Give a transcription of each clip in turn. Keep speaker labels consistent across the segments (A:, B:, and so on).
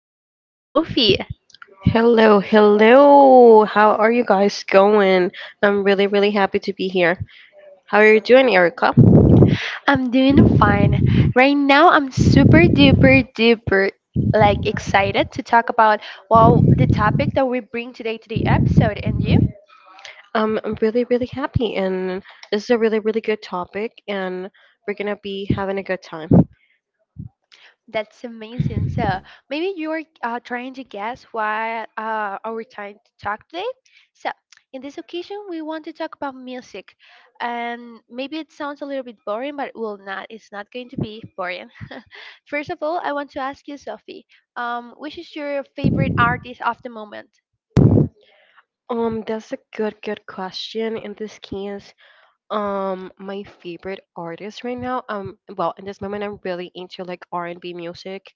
A: friend Sophie.
B: Hello, hello. How are you guys going? I'm really, really happy to be here. How are you doing, Erica?
A: I'm doing fine. Right now, I'm super duper duper like excited to talk about the topic that we bring today to the episode. And you?
B: I'm really, really happy, and this is a really, really good topic, and we're gonna be having a good time.
A: That's amazing. So maybe you are trying to guess why our time to talk today. So in this occasion, we want to talk about music, and maybe it sounds a little bit boring, but it will not. It's not going to be boring. First of all, I want to ask you, Sophie, which is your favorite artist of the moment?
B: That's a good question in this case. My favorite artist right now, well, in this moment, I'm really into like R&B music,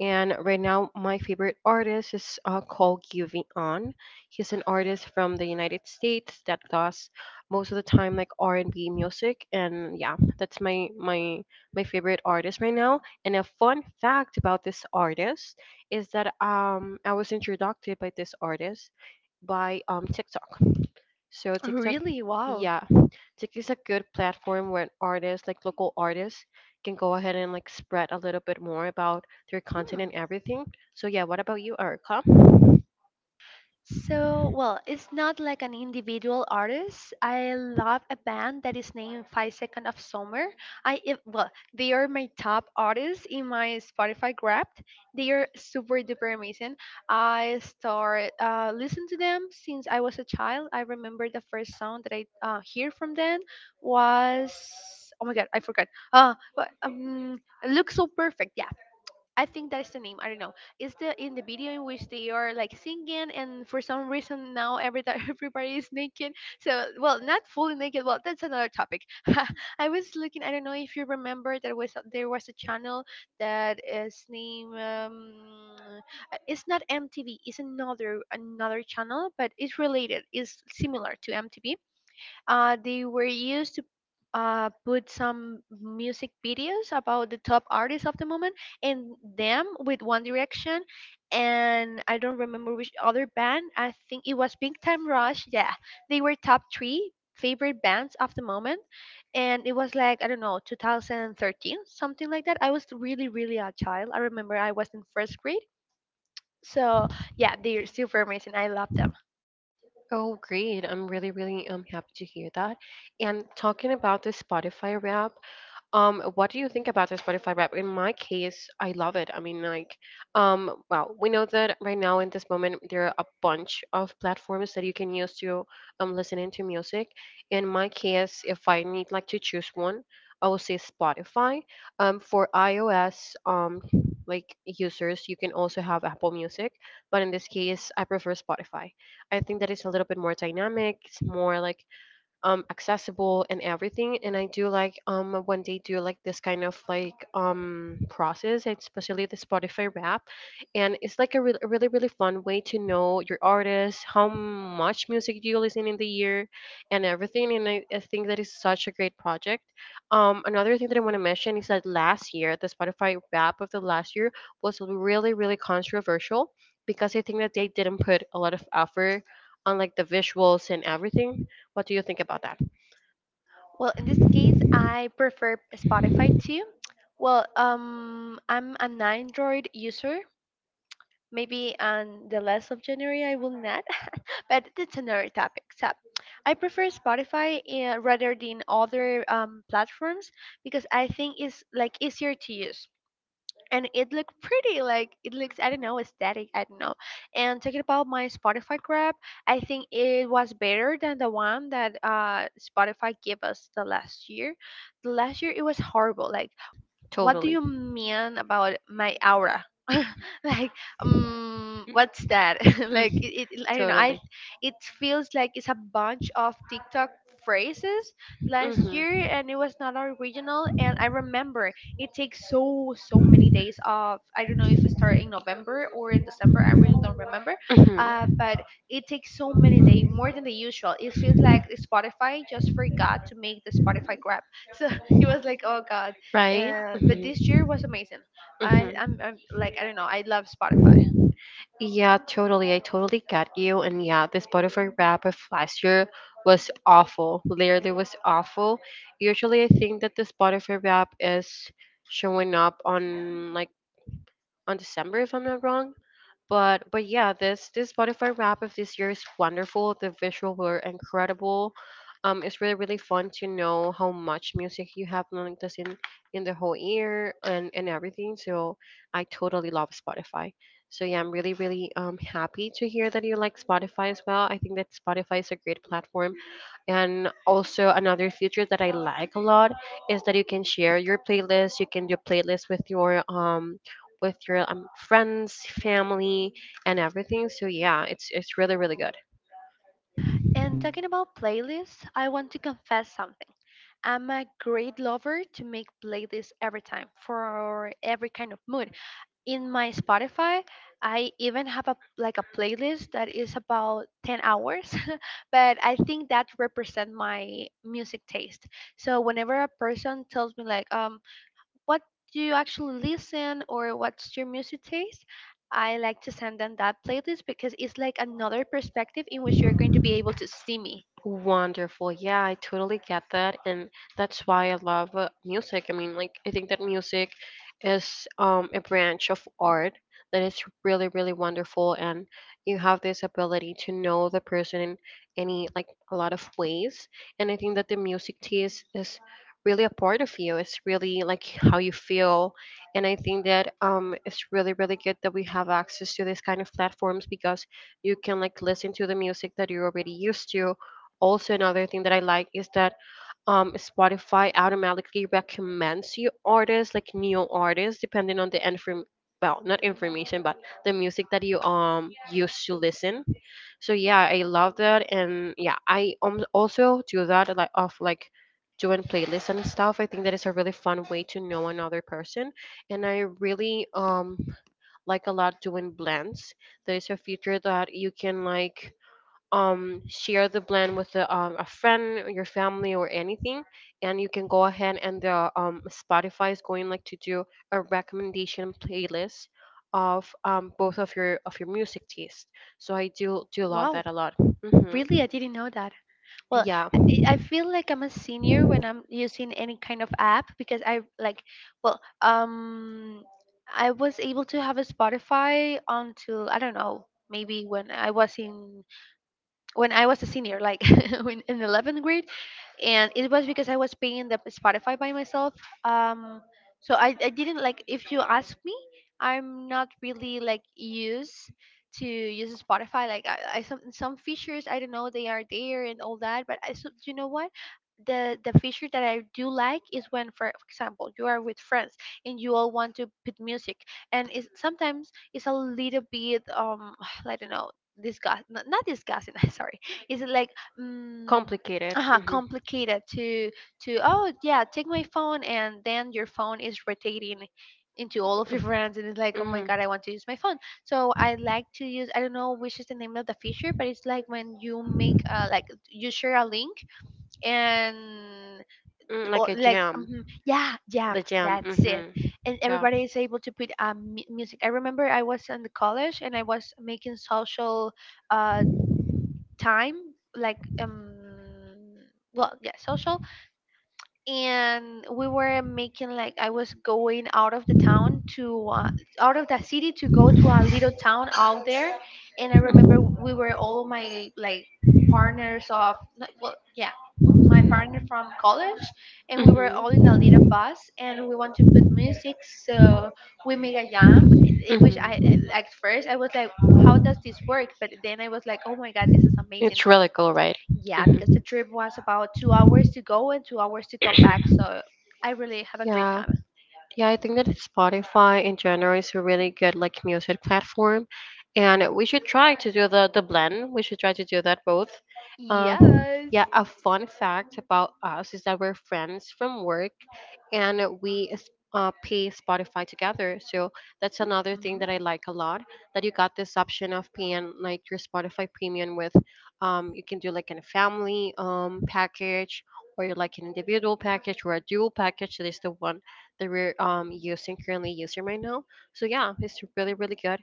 B: and right now, my favorite artist is called Giving On. He's an artist from the United States that does most of the time like R&B music, and yeah, that's my favorite artist right now. And a fun fact about this artist is that I was introduced by this artist by TikTok. So TikTok,
A: Really? Wow.
B: yeah, TikTok is a good platform where artists, like local artists, can go ahead and like spread a little bit more about their
A: Hmm.
B: content and everything. So yeah, what about you, Erica?
A: So, well, it's not like an individual artist. I love a band that is named 5 Second of Summer. They are my top artists in my Spotify Wrapped. They are super duper amazing. I start listen to them since I was a child. I remember the first song that I hear from them was oh my god, I forgot. Uh, but, um, look so perfect. Yeah. I think that is the name. I don't know. It's the in the video in which they are like singing, and for some reason now everybody is naked. So well, not fully naked. Well, that's another topic. I was looking. I don't know if you remember that was there was a channel that is named. It's not MTV. It's another channel, but it's related. It's similar to MTV, they were used to put some music videos about the top artists of the moment and them with One Direction. And I don't remember which other band. I think it was Big Time Rush. Yeah, they were top three favorite bands of the moment. And it was like, I don't know, 2013, something like that. I was really, really a child. I remember I was in first grade. So yeah, they're super amazing. I love them.
B: Oh, great! I'm really, really happy to hear that. And talking about the Spotify rap, what do you think about the Spotify rap? In my case, I love it. I mean, like, well, we know that right now in this moment there are a bunch of platforms that you can use to listen into music. In my case, if I need like to choose one, I will say Spotify. For iOS, like users, you can also have Apple Music, but in this case, I prefer Spotify. I think that it's a little bit more dynamic. It's more like accessible and everything, and I do like when they do like this kind of like process, especially the Spotify rap. And it's like a really, really fun way to know your artist, how much music do you listen in the year and everything. I think that is such a great project. Another thing that I want to mention is that last year the Spotify rap of the last year was really, really controversial because I think that they didn't put a lot of effort on like the visuals and everything. What do you think about that?
A: Well, in this case, I prefer Spotify too. Well, I'm an Android user. Maybe on the last of January I will not, but that's another topic. So I prefer Spotify rather than other platforms because I think it's like easier to use, and it looked pretty like it looks, I don't know, aesthetic, I don't know. And talking about my Spotify grab, I think it was better than the one that Spotify gave us the last year. The last year it was horrible, like what do
B: Totally.
A: you mean about my aura? Like
B: Mm,
A: what's that? Like it I don't know, I
B: totally.
A: it feels like it's a bunch of TikTok phrases
B: Hmm,
A: last year,
B: hmm.
A: and it was not original. And I remember it takes so many days of, I don't know if it started in November or in December, I really don't remember. But it takes so many days more than the usual. It feels like Spotify just forgot to make the Spotify grab. So it was like, oh god.
B: Right?
A: But this year was amazing.
B: Hmm,
A: I'm like, I don't know, I love Spotify.
B: hmm. Yeah, totally. I totally get you. And yeah, this butterfly wrap of last year was awful. Literally was awful. Usually I think that this butterfly wrap is showing up on like on December if I'm not wrong, but yeah, this Spotify wrap of this year is wonderful. The visuals were incredible. It's really, really fun to know how much music you have like this in the whole year and everything. So I totally love Spotify. So yeah, I'm really, really happy to hear that you like Spotify as well. I think that Spotify is a great platform, and also another feature that I like a lot is that you can share your playlist, you can do playlist with your friends, family, and everything. So yeah, it's really, really good.
A: And talking about playlists, I want to confess something. I'm a great lover to make playlists every time for every kind of mood. In my Spotify, I even have a like a playlist that is about 10 hours, but I think that represent my music taste. So whenever a person tells me like what do you actually listen, or what's your music taste, I like to send them that playlist because it's like another perspective in which you're going to be able to see me.
B: Wonderful. Yeah, I totally get that. And that's why I love music. I mean, like, I think that music is a branch of art that is really, really wonderful. And you have this ability to know the person in any, like, a lot of ways. And I think that the music taste is really a part of you. It's really like how you feel. And I think that it's really, really good that we have access to this kind of platforms because you can like listen to the music that you're already used to. Also, another thing that I like is that Spotify automatically recommends you artists, like new artists, depending on the inform well, not information, but the music that you used to listen. So yeah, I love that, and yeah, I also do that like of like doing playlists and stuff. I think that is a really fun way to know another person, and I really like a lot doing blends. There is a feature that you can like share the blend with a friend or your family or anything, and you can go ahead and the Spotify is going like to do a recommendation playlist of both of your music taste. So I do love
A: Wow,
B: that a lot. Hmm,
A: really? I didn't know that. well
B: yeah.
A: i I feel like I'm a senior when I'm using any kind of app, because I like, well um I was able to have a Spotify until, I don't know, maybe when I was a senior, like when in 11th grade. And it was because I was paying the Spotify by myself. Um, so I didn't like, if you ask me, I'm not really like used to use Spotify. Like I some features I don't know they are there and all that, but I, so you know what, the feature that I do like is when, for example, you are with friends and you all want to put music, and it's, sometimes it's a little bit I don't know, disgust, not disgusting, sorry, it's like mm.
B: Complicated.
A: Uh huh,
B: Hmm.
A: complicated to, oh yeah, take my phone and then your phone is rotating into all of your friends, and it's like, oh my
B: Hmm.
A: god, I want to use my phone. So I like to use, I don't know which is the name of the feature, but it's like when you make you share a link and,
B: Mm, like
A: or
B: a
A: like
B: jam.
A: mhm, yeah, jam,
B: The jam.
A: that's
B: Hmm.
A: it. And
B: Yeah.
A: everybody is able to put music. I remember I was in the college and I was making social uh time, like well yeah, social. And we were making like, I was going out of the town to out of the city to go to a little town out there. And I remember we were all of my like partners of no- well yeah my partner from college, and we were all in a little
B: Mhm.
A: bus and we want to put music, so we make a jam in which
B: Mhm.
A: at first I was like, how does this work? But then I was like, oh my god, this is amazing.
B: It's really cool, right?
A: Yeah, because the
B: Mhm.
A: trip was about 2 hours to go and 2 hours to come back. So I really have a great
B: Yeah,
A: time.
B: yeah, I think that Spotify in general is a really good like music platform, and we should try to do the blend. We should try to do that both. Uh,
A: Yes.
B: Yeah, a fun fact about us is that we're friends from work, and pay Spotify together. So that's another thing
A: Mhm.
B: that I like a lot, that you got this option of paying like your Spotify premium with you can do like in a family package, or you like an individual package or a dual package, that is the one that we're using currently using right now. So yeah, it's really, really good.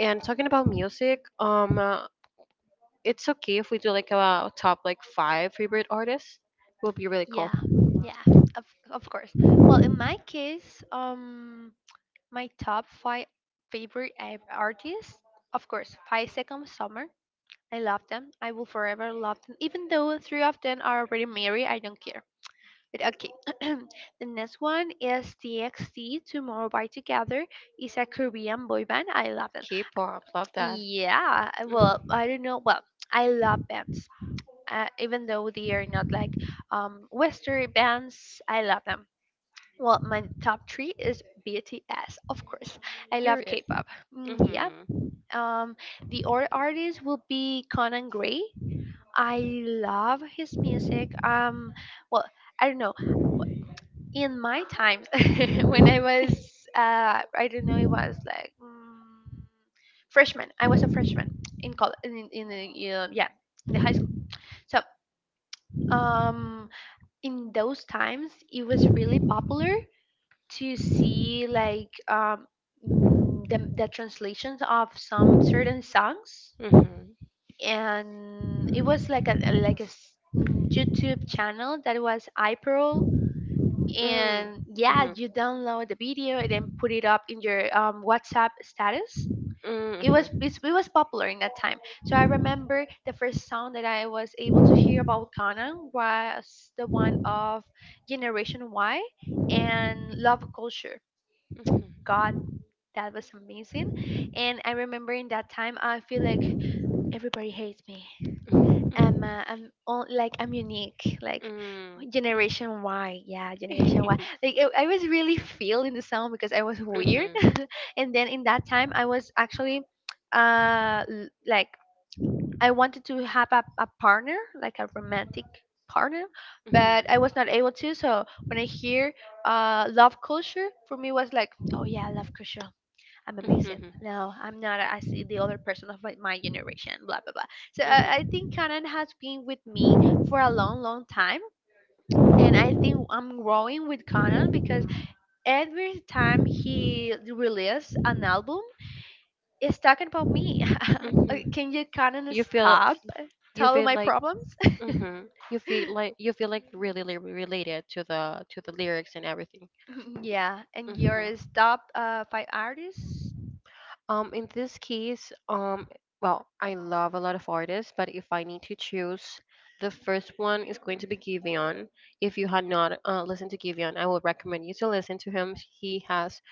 B: And talking about music, it's okay if we do like a top like five favorite artists. It will be really cool.
A: Yeah. Yeah. Of course. Well, in my case, my top five favorite artists, of course, 5 Seconds Summer. I love them. I will forever love them. Even though three of them are already married, I don't care. But okay. The next one is TXT Tomorrow by Together. It's a Korean boy band. I love them.
B: K-pop, love that. Hmm.
A: I don't know. Well, I love bands, even though they are not like Western bands. I love them. Well, my top three is BTS, of course. I love
B: Period.
A: K-pop. Mm, yeah.
B: Hmm.
A: Um, the other artist will be Conan Gray. I love his music. Well, I don't know, in my times when I was
B: Hmm.
A: I don't know, it was like mm, freshman, I was a freshman in in the in the high school. So um in those times it was really popular to see like the translations of some certain songs.
B: Mm.
A: And it was like a YouTube channel that was iPearl, and yeah,
B: Mhm.
A: you download the video and then put it up in your WhatsApp status. It was popular in that time. So I remember the first song that I was able to hear about Kanan was the one of Generation Y
B: Mm,
A: and Love
B: mhm.
A: Culture.
B: Mhm.
A: God, that was amazing. And I remember in that time I feel like everybody hates me,
B: Mhm.
A: Emma, I'm all, like I'm unique, like Generation Y, yeah, Generation Y.
B: Mhm.
A: Like I was really feeling the sound because I was weird, and then in that time I was actually, uh, l- like I wanted to have a partner, like a romantic partner, but I
B: Mhm.
A: was not able to. So when I hear love culture, for me was like, oh yeah, love culture, I'm amazing.
B: Mhm.
A: No, I'm not. I see the other person of my generation, blah, blah, blah. So
B: Mhm.
A: I think Conan has been with me for a long, long time. And I think I'm growing with Conan because every time he releases an album, it's talking about me.
B: Mhm.
A: Can you, Conan,
B: You feel
A: stop
B: you
A: telling
B: feel
A: my
B: like
A: problems?
B: mhm, you feel like really related to the lyrics and everything.
A: Mm, yeah. And your
B: Mhm.
A: top five artists?
B: In this case, well, I love a lot of artists, but if I need to choose, the first one is going to be Giveon. If you had not listened to Giveon, I would recommend you to listen to him. He has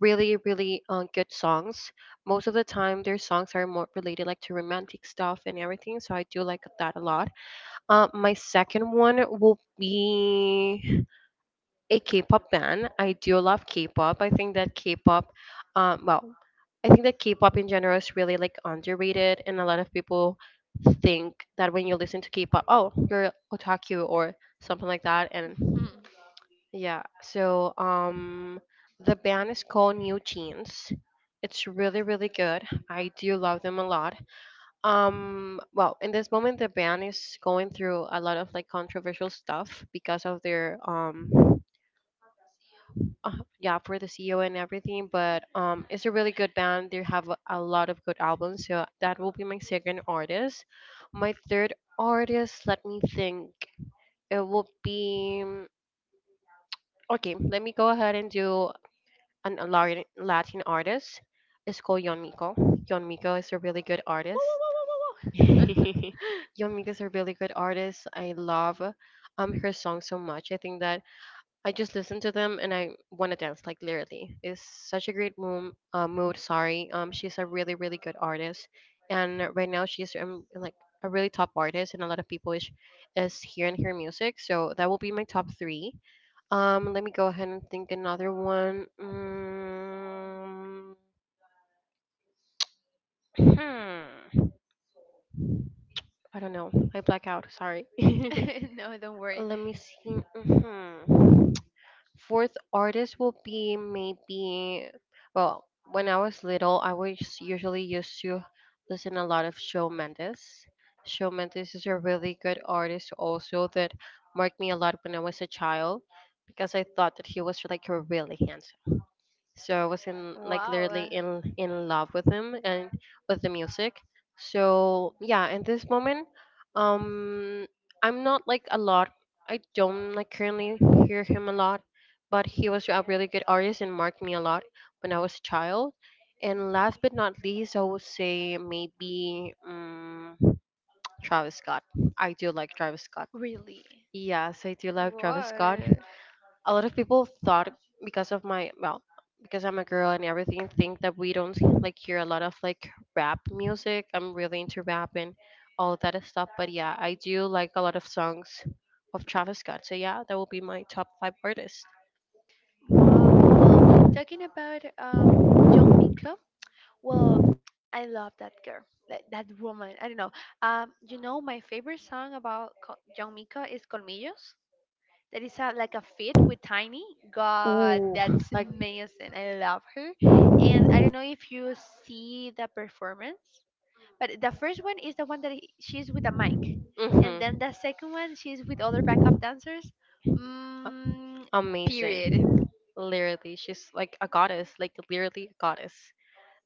B: really, really good songs. Most of the time, their songs are more related like to romantic stuff and everything, so I do like that a lot. My second one will be a K-pop band. I do love K-pop. I think that K-pop, well, I think that K-pop in general is really like underrated, and a lot of people think that when you listen to K-pop, oh, you're otaku or something like that. And
A: Hmm.
B: yeah, so the band is called New Jeans. It's really, really good. I do love them a lot. Well, in this moment, the band is going through a lot of like controversial stuff because of their yeah, for the CEO and everything. But it's a really good band, they have a lot of good albums, so that will be my second artist. My third artist, let me think. It will be okay, let me go ahead and do a Latin, Latin artist. It's called Yon Miko. Yon Miko is a really good
A: Woo,
B: artist.
A: woo, woo, woo, woo,
B: Yon Miko is a really good artist. I love her song so much. I think that I just listen to them and I want to dance, like literally. It's such a great mood. Mood, sorry, she's a really, really good artist, and right now she's like a really top artist, and a lot of people is hearing her music. So that will be my top three. Let me go ahead and think another one. Mm, hmm, I don't know. I black out. Sorry.
A: woo. No, don't worry.
B: let me see. Hmm. Fourth artist will be maybe, well, when I was little, I was usually used to listen a lot of Shawn Mendes. Shawn Mendes is a really good artist also, that marked me a lot when I was a child because I thought that he was like really handsome, so I was in, like,
A: Wow.
B: literally
A: Uh,
B: in love with him and with the music. So yeah, in this moment, um, I'm not like a lot. I don't like currently hear him a lot, but he was a really good artist and marked me a lot when I was a child. And last but not least, I would say maybe Travis Scott. I do like Travis Scott.
A: really?
B: Yes, I do love Travis Scott.
A: What?
B: A lot of people thought because of my well, because I'm a girl and everything, think that we don't like hear a lot of like rap music. I'm really into rap and all that stuff, but yeah, I do like a lot of songs of Travis Scott. So yeah, that will be my top five artists.
A: Wow. Well, talking about Young Miko, well, I love that girl, that woman. I don't know. You know, my favorite song about Young Miko is Colmillos. That is a, like a fit with Tiny. God,
B: Ooh,
A: that's
B: like
A: amazing. I love her. And I don't know if you see the performance. But the first one is the one that she's with a mic, and
B: mm-hmm,
A: then the second one she's with other backup dancers. Mm,
B: amazing.
A: period.
B: Literally she's like a goddess, like literally a goddess.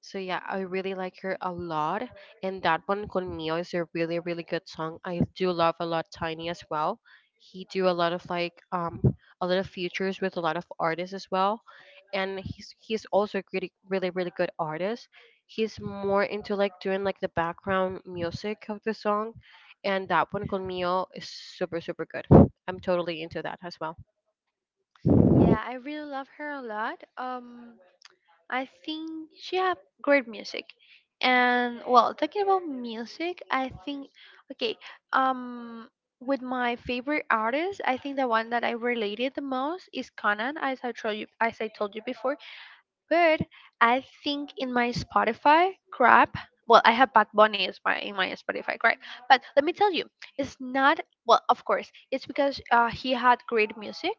B: So yeah, I really like her a lot. And that one, Con Mio, is a really, really good song. I do love a lot Tiny as well. He do a lot of like a lot of features with a lot of artists as well. And he's also a really, really, really good artist. He's more into like doing like the background music of the song. And that one, Con Mio, is super super good. I'm totally into that as well.
A: Yeah, I really love her a lot. I think she have great music, and well, talking about music, I think okay. Um, with my favorite artist, I think the one that I related the most is Conan, as I told you, as I told you before good. I think in my Spotify crap. Well, I have Bad Bunny as my in my Spotify crap. But let me tell you, it's not well. Of course, it's because he had great music,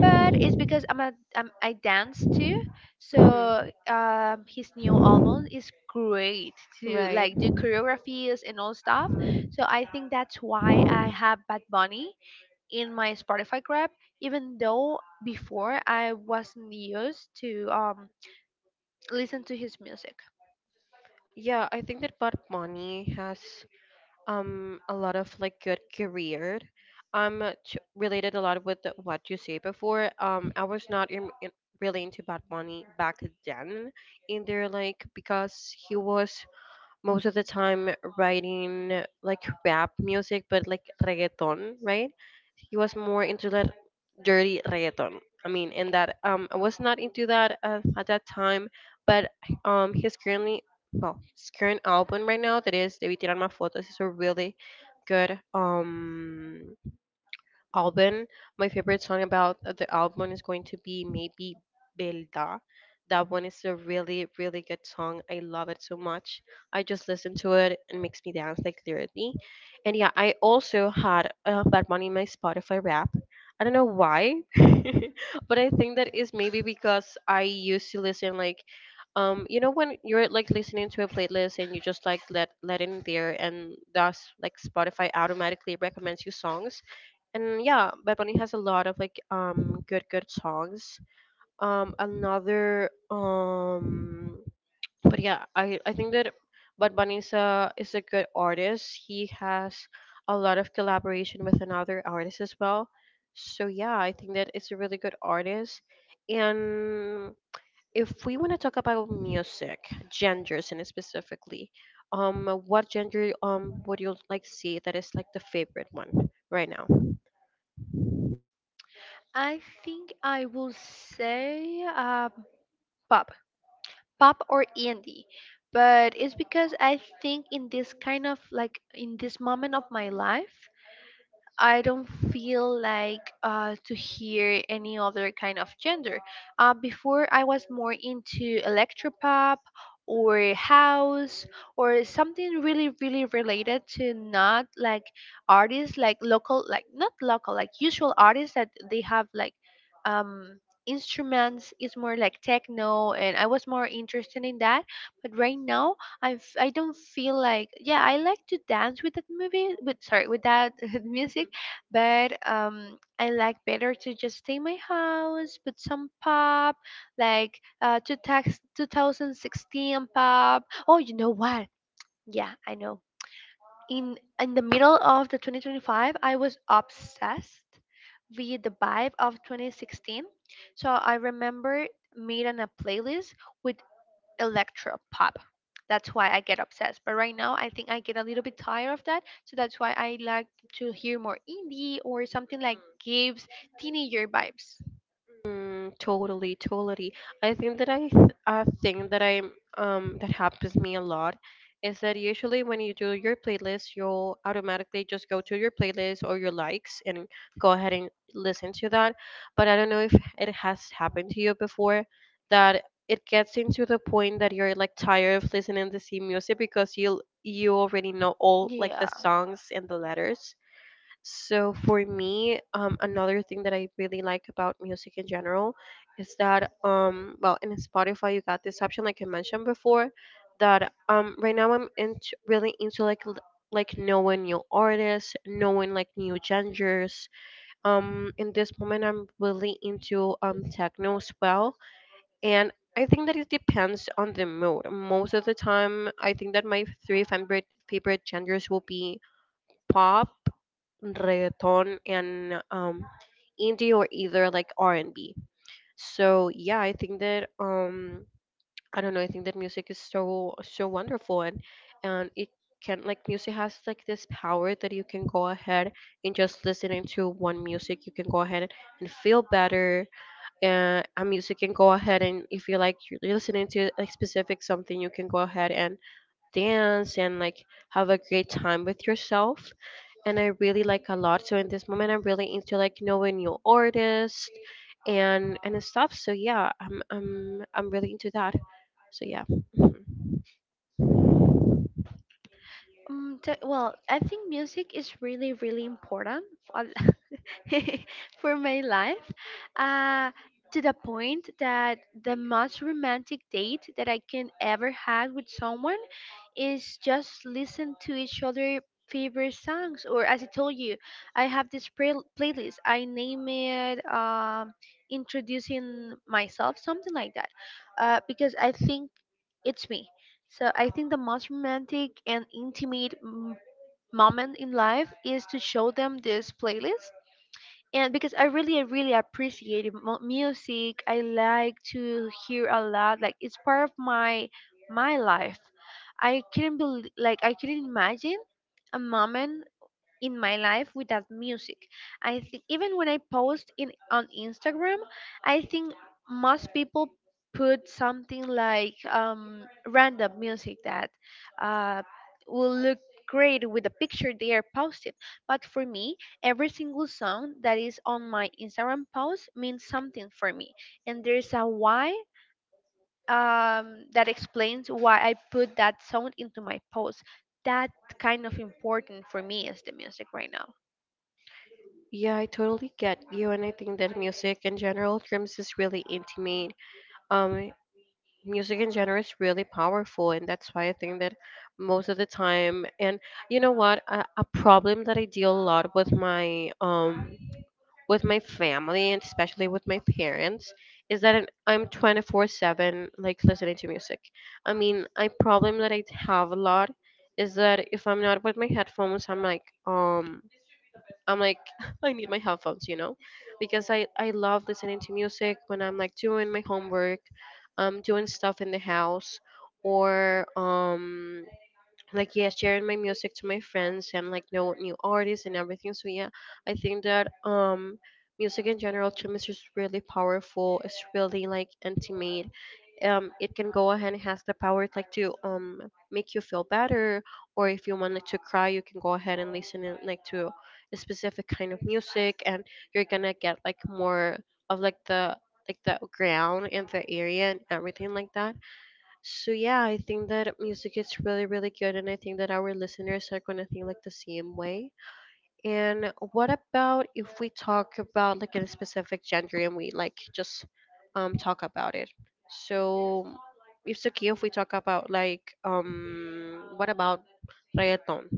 A: but it's because I dance too.
B: Mhm.
A: His new album is great to
B: Right.
A: like do choreographies and all stuff. So I think that's why I have Bad Bunny in my Spotify grab, even though before I wasn't used to listen to his music.
B: Yeah, I think that Padmani has a lot of like good career. Related a lot with what you say before. I was not really into Bad Bunny back then, in there like because he was most of the time writing like rap music, but like reggaeton, right? He was more into that dirty reggaeton. I mean, and that I was not into that at that time, but his currently well, his current album right now that is "Debí tirar más fotos" is a really good album. My favorite song about the album is going to be maybe Belda. That one is a really, really good song. I love it so much. I just listen to it and makes me dance like literally. And yeah, I also had Bad Bunny in my Spotify rap. I don't know why, but I think that is maybe because I used to listen like you know when you're like listening to a playlist and you just like let it in there and thus like Spotify automatically recommends you songs. And yeah, Bad Bunny has a lot of like good songs. Another But yeah, I think that Bad Bunny is a good artist. He has a lot of collaboration with another artist as well. So yeah, I think that it's a really good artist. And if we want to talk about music genders and specifically, what gender would you like see that is like the favorite one right now?
A: I think I will say pop, pop or indie, but it's because I think in this moment of my life, I don't feel like to hear any other kind of gender. Before, I was more into electropop or house or something really, really related to not like artists, like local, like not local, like usual artists that they have like um, instruments. It's more like techno, and I was more interested in that. But right now, I don't feel like, yeah, I like to dance with that movie, with, sorry, with that music, but I like better to just stay in my house, put some pop, like two tax 2016 pop. Oh, you know what? Yeah, I know. In the middle of the 2025, I was obsessed with the vibe of 2016. So I remember made on a playlist with electro pop. That's why I get obsessed. But right now, I think I get a little bit tired of that. So that's why I like to hear more indie or something like gives teenager vibes.
B: Mm, totally, totally. I think that a thing that I that happens me a lot is that usually when you do your playlist, you'll automatically just go to your playlist or your likes and go ahead and listen to that. But I don't know if it has happened to you before that it gets into the point that you're like tired of listening to the same music because you already know all like the
A: Yeah.
B: songs and the letters. So for me, another thing that I really like about music in general is that well, in Spotify you got this option like I mentioned before, that right now I'm into really into like knowing new artists, knowing like new genres. In this moment I'm really into techno as well, and I think that it depends on the mood. Most of the time, I think that my three favorite genres will be pop, reggaeton, and indie, or either like R&B. So yeah, I think that I don't know, I think that music is so so wonderful, and it can, like, music has like this power that you can go ahead and just listening to one music you can go ahead and feel better, and a music can go ahead, and if you like you're listening to a specific something you can go ahead and dance and like have a great time with yourself, and I really like a lot. So in this moment, I'm really into like knowing new artists and stuff. So yeah, I'm really into that. So yeah. Mhm.
A: Well, I think music is really, really important. For my life, uh, to the point that the most romantic date that I can ever had with someone is just listen to each other favorite songs. Or as I told you, I have this playlist I name it, introducing myself, something like that, because I think it's me. So I think the most romantic and intimate moment in life is to show them this playlist. And because I really appreciate it, music. I like to hear a lot. Like it's part of my life. I couldn't believe, like I couldn't imagine a moment in my life without music. I think even when I post in on Instagram, I think most people put something like random music that uh, will look great with the picture they are posting. But for me, every single song that is on my Instagram post means something for me, and there's a why. That explains why I put that song into my post. That kind of important for me is the music right now.
B: Yeah, I totally get you, and I think that music in general, drums is really intimate. Um, Music in general is really powerful, and that's why I think that most of the time, and you know what, a problem that I deal a lot with my family and especially with my parents is that I'm 24/7 like listening to music. I mean, a problem that I have a lot is that if I'm not with my headphones, I'm like I need my headphones, you know? Because I love listening to music when I'm like doing my homework, doing stuff in the house, or like yeah, sharing my music to my friends and like know new artists and everything. So yeah, I think that music in general to me is just really powerful, it's really like intimate. It can go ahead and has the power like to make you feel better, or if you wanted to cry you can go ahead and listen in, like, to a specific kind of music, and you're gonna get like more of like the ground and the area and everything like that. So yeah, I think that music is really, really good, and I think that our listeners are gonna think like the same way. And what about if we talk about like a specific gender and we like just talk about it? So it's okay if we talk about like what about reggaeton?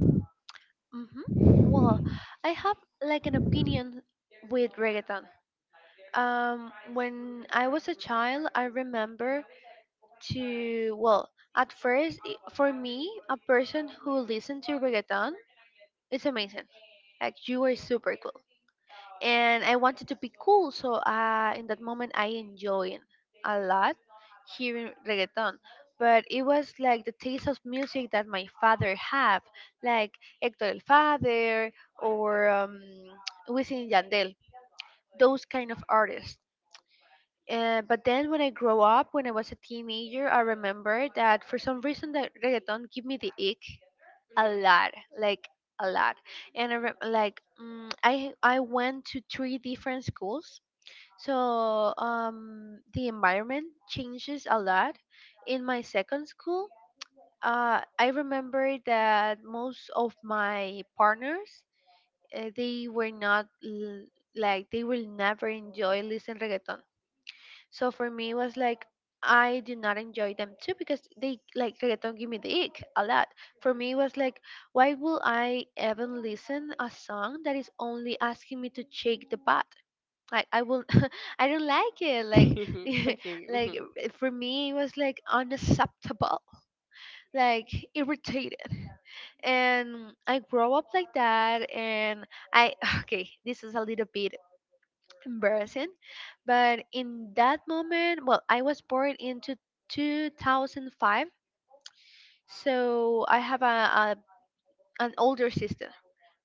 A: Mm-hmm. Well, I have like an opinion with reggaeton. When I was a child, I remember to, well, at first, for me, a person who listened to reggaeton, it's amazing. Like, you are super cool and I wanted to be cool. So in that moment, I enjoyed a lot hearing reggaeton. But it was like the taste of music that my father have, like Hector El Father or Wisin Yandel, those kind of artists. But then when I grow up, when I was a teenager, I remember that for some reason that reggaeton give me the ick a lot, like a lot. And I re- like mm, I went to 3 different schools, so the environment changes a lot. In my second school, I remember that most of my partners they were not l- like they will never enjoy listen reggaeton. So for me, it was like I do not enjoy them too because they like reggaeton give me the ick a lot. For me, it was like, why will I even listen a song that is only asking me to shake the butt? Like, I will I don't like it, like
B: Okay.
A: like
B: Mhm.
A: for me it was like unacceptable, like irritated. And I grow up like that, and I okay, this is a little bit embarrassing, but in that moment, well, I was born into 2005. So I have a an older sister.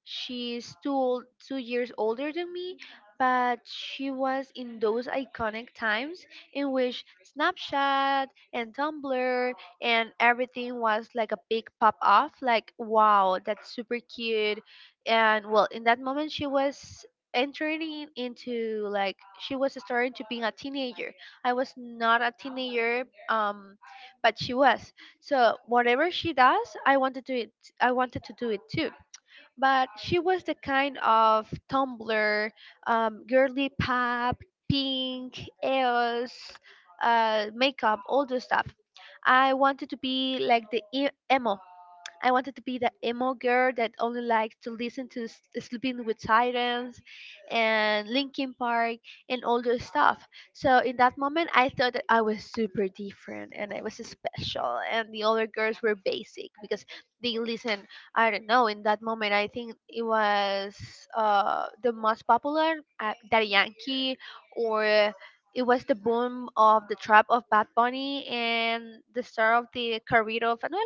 A: She's 2 years older than me, but she was in those iconic times in which Snapchat and Tumblr and everything was like a big pop off. Like, wow, that's super cute. And well, in that moment, she was into, like, she was starting to being a teenager. I was not a teenager, but she was. So whatever she does, I wanted to do it too. But she was the kind of Tumblr, girly pop, pink, EOS, makeup, all those stuff. I wanted to be like emo. I wanted to be the emo girl that only likes to listen to Sleeping with Sirens and Linkin Park and all those stuff. So in that moment, I thought that I was super different and I was special, and the other girls were basic because they listen. I don't know. In that moment, I think it was the most popular, Daddy Yankee or. It was the boom of the trap of Bad Bunny and the start of the career of no,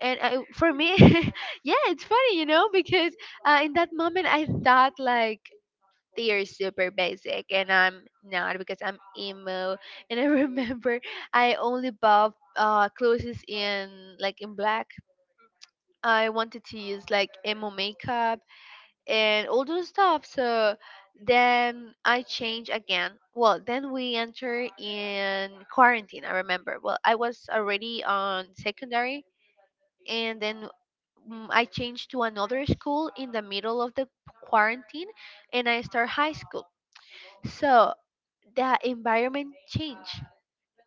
A: and for me yeah, it's funny, you know, because in that moment I thought like, they are super basic and I'm not because I'm emo. And I remember I only bought clothes in like in black. I wanted to use like emo makeup and all those stuff. So then I changed again. Well, then we enter in quarantine. I remember, well, I was already on secondary, and then I changed to another school in the middle of the quarantine, and I start high school. So the environment changed.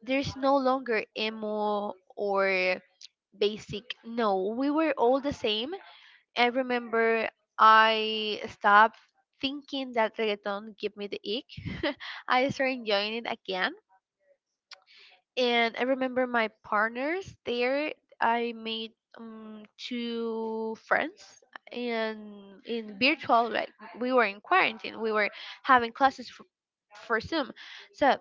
A: There's no longer emo or basic. No, we were all the same. I remember I stopped thinking that reggaeton give me the ick. I started enjoying it again. And I remember my partners there. I made two friends, and in virtual, like, we were in quarantine, we were having classes for Zoom. So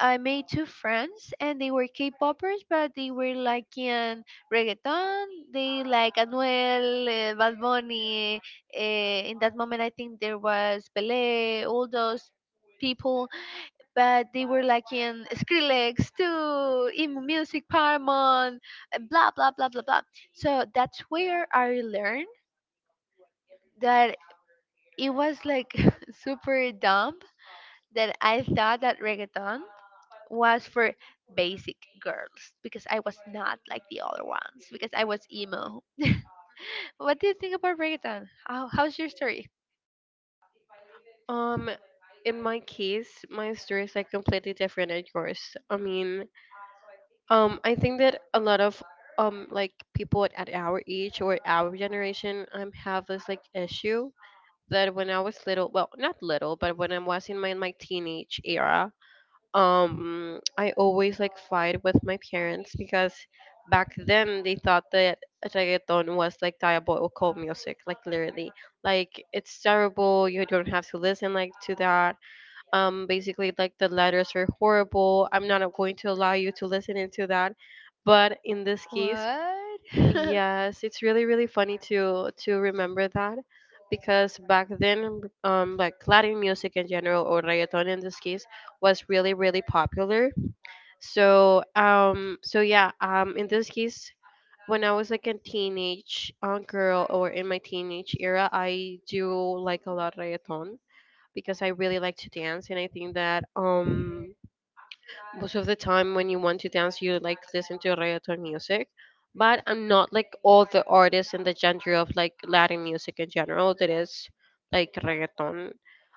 A: I made two friends, and they were K-poppers, but they were like in reggaeton. They like Anuel, Bad Bunny. Uh, in that moment, I think there was Belé, all those people, but they were like in Skrillex too, emo music, Paramount, and blah blah blah blah blah. So that's where I learned that it was like super dumb that I thought that reggaeton was for basic girls because I was not like the other ones because I was emo. What do you think about reggaeton? How, how's your story?
B: Um, in my case, my story is like completely different than yours. I mean, I think that a lot of like people at our age or our generation have this like issue that when I was little, well, not little, but when I was in my teenage era, I always like fight with my parents because back then they thought that reggaeton was like diabolical music, like literally, like it's terrible. You don't have to listen like to that. Basically like the letters are horrible. I'm not going to allow you to listen into that. But in this case,
A: What?
B: yes, it's really really funny to remember that, because back then, like Latin music in general or reggaeton in this case was really really popular. So so yeah, in this case, when I was like a teenage girl or in my teenage era, I do like a lot reggaeton because I really like to dance, and I think that most of the time when you want to dance, you like listen to reggaeton music. But I'm not like all the artists in the genre of like Latin music in general that is like reggaeton.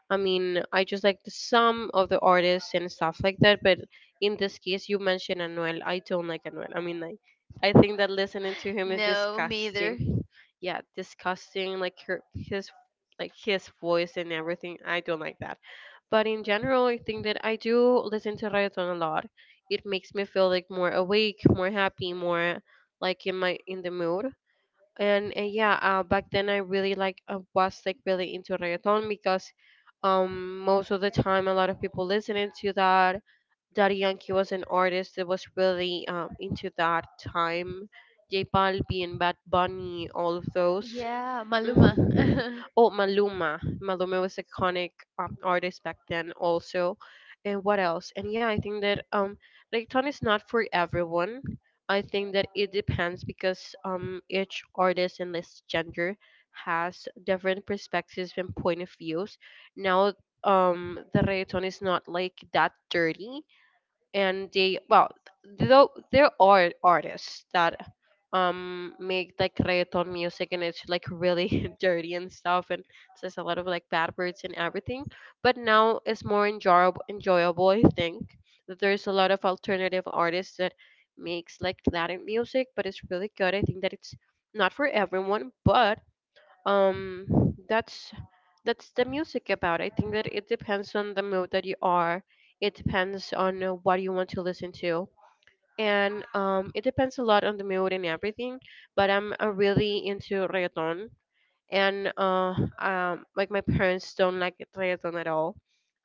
B: I mean, I just like the some of the artists and stuff like that. But in this case, you mentioned Anuel. I don't like Anuel. I mean, like, I think that listening to him is
A: No, me either.
B: disgusting. Yeah, disgusting. Like her, his like his voice and everything. I don't like that. But in general, I think that I do listen to reggaeton a lot. It makes me feel like more awake, more happy, more like in my in the mood. And yeah, back then I really like I was like really into reggaeton because most of the time a lot of people listening to that. Daddy Yankee was an artist that was really into that time. J Balbi and Bad Bunny, all of those.
A: Yeah, Maluma.
B: Mhm. Oh, Maluma. Maluma was iconic artist back then also. And what else? And yeah, I think that reggaeton is not for everyone. I think that it depends because each artist and this gender has different perspectives and point of views. Now the reggaeton is not like that dirty, and they well, though there are artists that make like reggaeton music and it's like really dirty and stuff and says a lot of like bad words and everything. But now it's more enjoyable. I think that there's a lot of alternative artists that makes like Latin music but it's really good. I think that it's not for everyone, but um that's that's the music about. I think that it depends on the mood that you are, it depends on what you want to listen to, and it depends a lot on the mood and everything. But I'm really into reggaeton, and like my parents don't like reggaeton at all.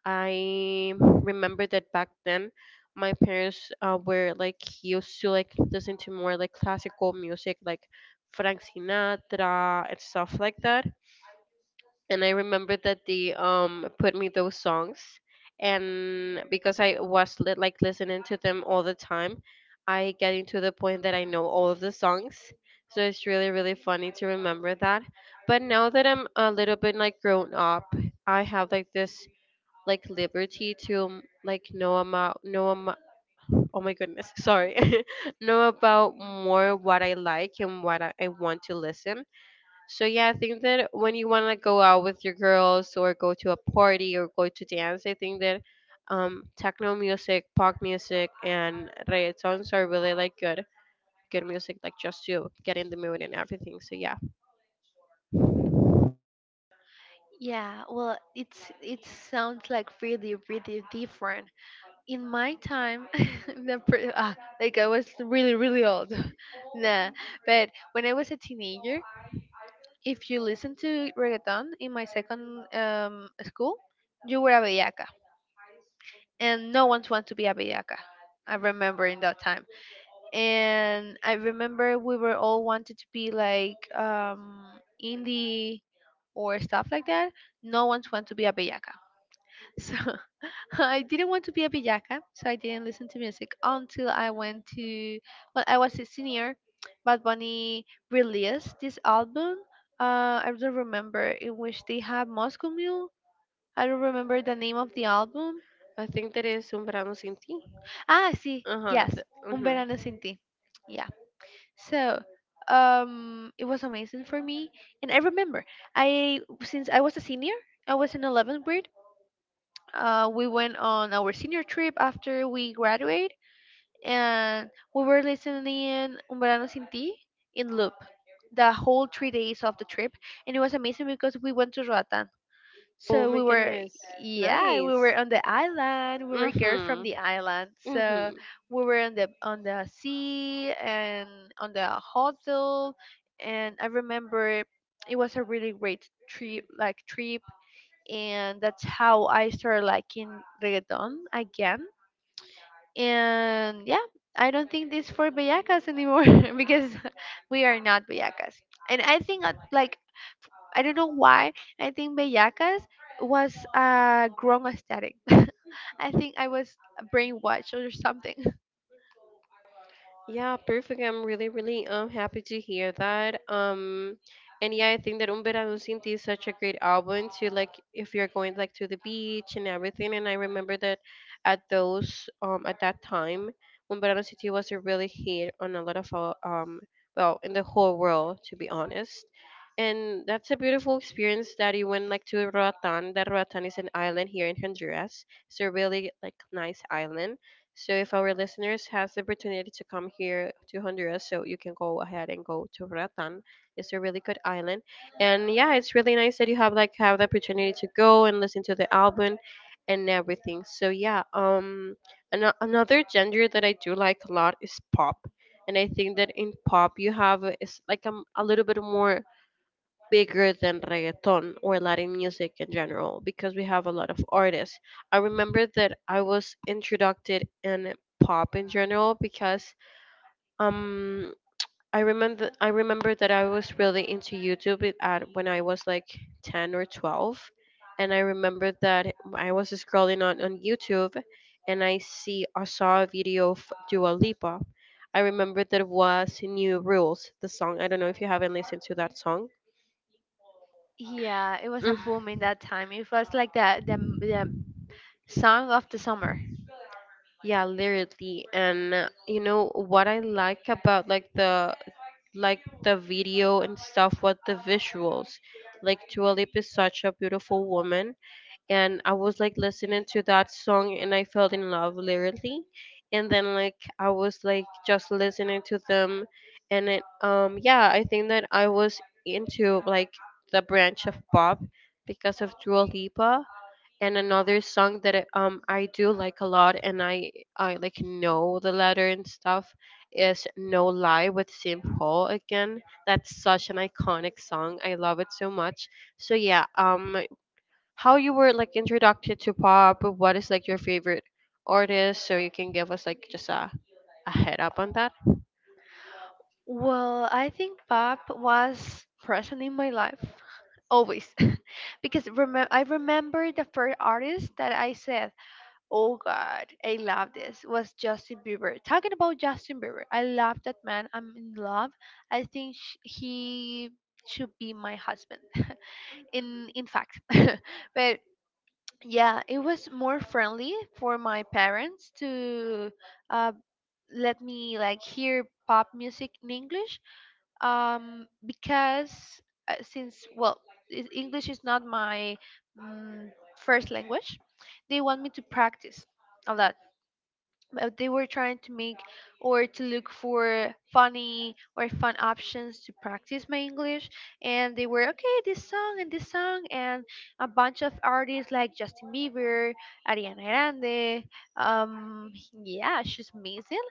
B: I remember that back then my parents were like used to like listen to more like classical music, like Frank Sinatra and stuff like that, and I remember that they put me those songs, and because I was like listening to them all the time, I getting to the point that I know all of the songs. So it's really really funny to remember that. But now that I'm a little bit like grown up, I have like this like liberty to like know about oh my goodness sorry know about more what I like and what I want to listen. So yeah, I think that when you want to go out with your girls or go to a party or go to dance, I think that techno music, pop music, and reggaetons are really like good music, like just to get in the mood and everything. So yeah,
A: Yeah, well, it's it sounds like really, really different. In my time, like I was really, really old. Nah, but when I was a teenager, if you listen to reggaeton in my second school, you were a bellaca, and no one wants to be a bellaca. I remember in that time, and I remember we were all wanted to be like indie or stuff like that. No one wants to be a bellaca. So I didn't want to be a bellaca, so I didn't listen to music until I went to, well, I was a senior. Bad Bunny released this album. I don't remember in which they have Moscow Mule. I don't remember the name of the album.
B: I think that is un verano sin ti.
A: Ah, see,
B: Uh huh.
A: yes, Un
B: Mm-hmm.
A: Verano Sin Ti. Yeah. So it was amazing for me, and I remember, I, since I was a senior, I was in 11th grade. We went on our senior trip after we graduate, and we were listening Un Verano Sin Ti in loop the whole 3 days of the trip, and it was amazing because we went to Roatan.
B: Oh
A: So
B: my
A: we were,
B: goodness,
A: yeah, we
B: nice.
A: were on the island. We were girls from
B: Mm-hmm.
A: the island, so
B: Mm-hmm.
A: we were on the sea and on the hotel. And I remember it was a really great trip, like trip, and that's how I started liking reggaeton again. And yeah, I don't think this for bellacas anymore because we are not bellacas. And I think, like, I don't know why, I think bellacas was a grown aesthetic. I think I was brainwashed or something.
B: Yeah, perfect. I'm really, really happy to hear that. And yeah, I think that Un Verano Sin Ti is such a great album to, like, if you're going, like, to the beach and everything. And I remember that at those at that time, Un Verano Sin Ti was a really hit on a lot of our well, in the whole world to be honest. And that's a beautiful experience that you went, like, to Roatan. That Roatan is an island here in Honduras. It's a really, like, nice island, so if our listeners has the opportunity to come here to Honduras, so you can go ahead and go to Ratan. It's a really good island, and yeah, it's really nice that you have, like, have the opportunity to go and listen to the album and everything. So yeah, another genre that I do like a lot is pop, and I think that in pop you have it's like, a little bit more bigger than reggaeton or Latin music in general, because we have a lot of artists. I remember that I was introduced in pop in general because um I remember that I was really into YouTube at when I was like 10 or 12, and I remember that I was scrolling on YouTube and I saw a video of Dua Lipa. I remember that was New Rules, the song. I don't know if you haven't listened to that song.
A: Yeah, it was a boom in that time. It was like the song of the summer.
B: Yeah, literally. And you know what I like about, like, the like the video and stuff was the visuals. Like, Dua Lipa is such a beautiful woman, and I was, like, listening to that song and I fell in love literally. And then, like, I was, like, just listening to them, and it yeah, I think that I was into, like, the branch of pop because of Dua Lipa, and another song that I do like a lot, and I like know the letter and stuff is No Lie with St. Paul again. That's such an iconic song. I love it so much. So yeah, how you were, like, introduced to pop, what is, like, your favorite artist so you can give us, like, just a head up on that?
A: Well, I think pop was present in my life always. Because I remember the first artist that I said, oh God, I love this, was Justin Bieber. Talking about Justin Bieber? I love that man. I'm in love. I think he should be my husband. In fact, but yeah, it was more friendly for my parents to uh, let me like hear pop music in English. Because since English is not my mm, first language. They want me to practice a lot, but they were trying to make or to look for funny or fun options to practice my English. And they were okay, this song, and a bunch of artists like Justin Bieber, Ariana Grande. Um, yeah, she's amazing.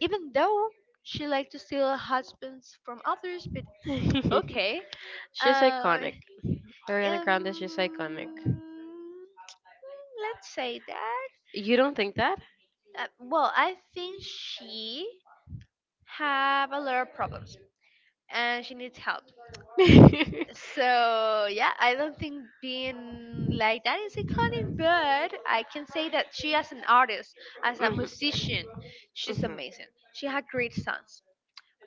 A: Even though she liked to steal husbands from others, but okay.
B: She's
A: Uh,
B: iconic. Ariana Grande is just iconic.
A: um, let's say that.
B: You don't think that?
A: Well, I think she have a lot of problems and she needs help.
B: Mhm,
A: So, yeah, I don't think being like that is iconic, but I can say that she, as an artist, as a musician, she's amazing. She had great songs.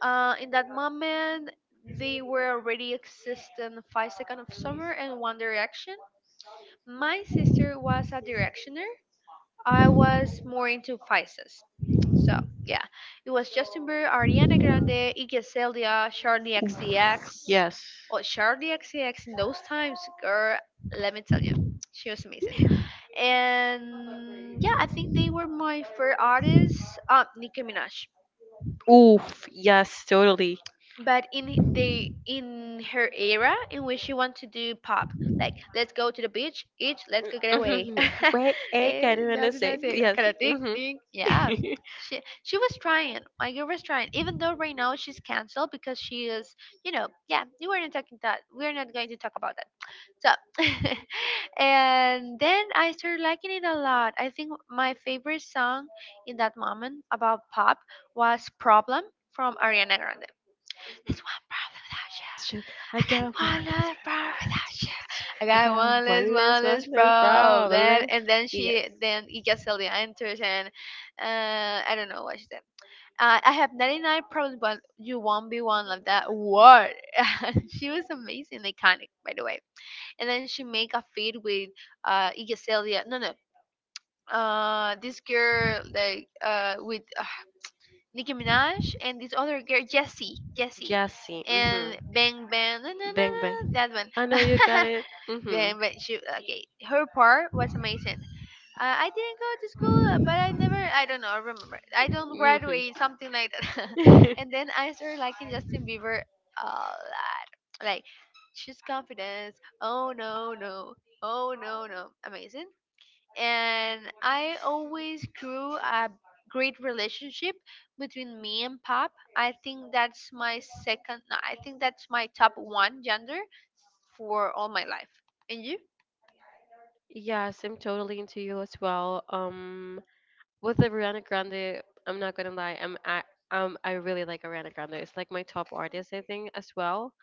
A: In that moment, they were already existing Five Seconds of Summer and One Direction. My sister was a directioner. I was more into Pisces. So yeah, it was Justin Bieber, Ariana Grande, Iggy Azalea, Charlie
B: mhm.
A: XCX.
B: Yes.
A: Oh, Charlie XCX in those times, girl. Let me tell you, she was amazing. And yeah, I think they were my favorite artists. Nicki Minaj.
B: Oof. Yes, totally.
A: But in the in her era in which she want to do pop, like let's go to the beach each, let's go get away.
B: Hmm. Wait, hey, can you
A: That's,
B: understand?
A: that's it
B: Yes.
A: kind of thing,
B: Hmm.
A: thing yeah. She was trying, my girl was trying, even though right now she's canceled because she is, you know, yeah, you were not talking, that we're not going to talk about that. So and then I started liking it a lot. I think my favorite song in that moment about pop was Problem from Ariana Grande. There's one problem without
B: I got one less problem.
A: you. I
B: I
A: got one less problem without you. I got
B: got one less,
A: one
B: one
A: less
B: less
A: problem. Then
B: problem.
A: and then
B: Yes.
A: she, then Ika Celia enters, and I don't know what she said. I have 99 problems, but you won't be one of that. What? She was amazing, iconic, by the way. And then she make a feed with Ika Celia. No, no. This girl like with Nicki Minaj, and this other girl, Jessie,
B: Jassy. Hmm.
A: and Bang Bang, na na na
B: Bang bang.
A: na, that one.
B: I know you got it. Hmm.
A: Bang, but she okay. Her part was amazing. I didn't go to school, but I never, I don't know, remember. I don't graduate, something like that. And then I started liking
B: Hmm.
A: Justin Bieber a lot. Like, she's confidence. Oh no no. Oh no no. Amazing. And I always grew a great relationship between me and pop. I think that's my second. No, I think that's my top one gender for all my life. And you?
B: Yes, I'm totally into you as well. With Ariana Grande, I'm not gonna lie, I really like Ariana Grande. It's like my top artist, I think, as well.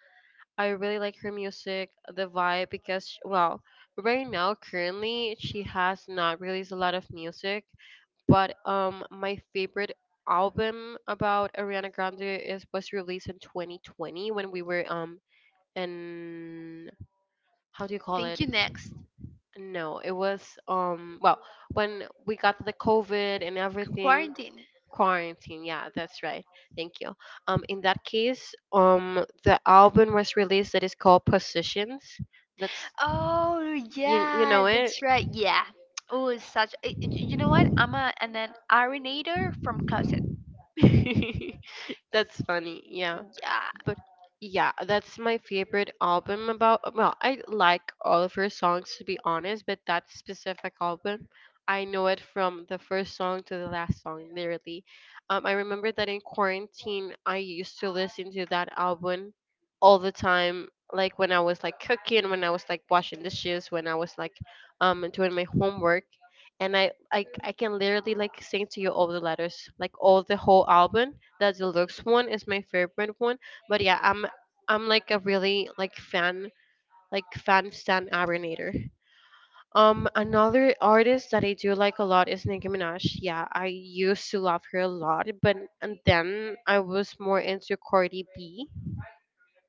B: I really like her music, the vibe, because well, right now currently she has not released a lot of music, but my favorite album about Ariana Grande is was released in 2020 when we were in how do you call
A: Thank
B: it?
A: you, next.
B: No, it was well, when we got the COVID and everything,
A: Quarantine.
B: quarantine. Yeah, that's right. Thank you. In that case, the album was released that is called Positions. That's
A: Oh
B: you you
A: yeah,
B: know it.
A: that's right. Yeah. Oh, it's such. You know what? I'm an ironator from closet.
B: That's funny. Yeah.
A: Yeah.
B: But yeah, that's my favorite album about. Well, I like all of her songs to be honest, but that specific album, I know it from the first song to the last song, literally. I remember that in quarantine, I used to listen to that album all the time. Like, when I was, like, cooking, when I was, like, washing dishes, when I was, like, doing my homework, and I can literally, like, sing to you all the letters, like, all the whole album. The deluxe one is my favorite one, but yeah, I'm like a really like fan stan abrinator. Another artist that I do like a lot is Nicki Minaj. Yeah, I used to love her a lot, but and then I was more into Cardi B.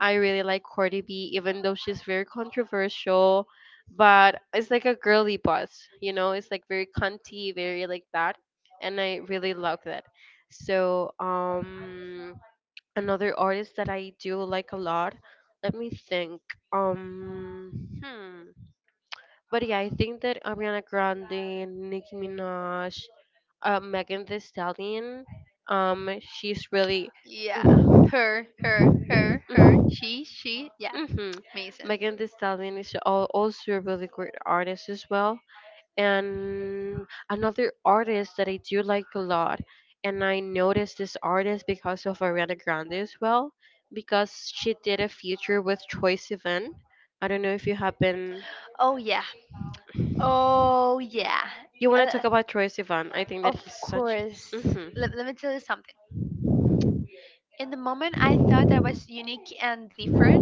B: I really like Cardi B, even though she's very controversial, but it's like a girly boss, you know, it's like very cunty, very like that, and I really love that. So another artist that I do like a lot. Let me think. Um, hmm. But yeah, I think that Ariana Grande, Nicki Minaj, Megan Thee Stallion. She's really.
A: Yeah, yeah,
B: Mm-hmm.
A: amazing.
B: Megan Thee Stallion is also a really great artist as well. And another artist that I do like a lot, and I noticed this artist because of Ariana Grande as well, because she did a feature with Troye Sivan. I don't know if you have been.
A: Oh yeah, oh yeah.
B: You want
A: Uh,
B: to talk about Troye Sivan? I think that
A: of
B: he's such.
A: course.
B: Hmm.
A: Let me tell you something. In the moment, I thought I was unique and different.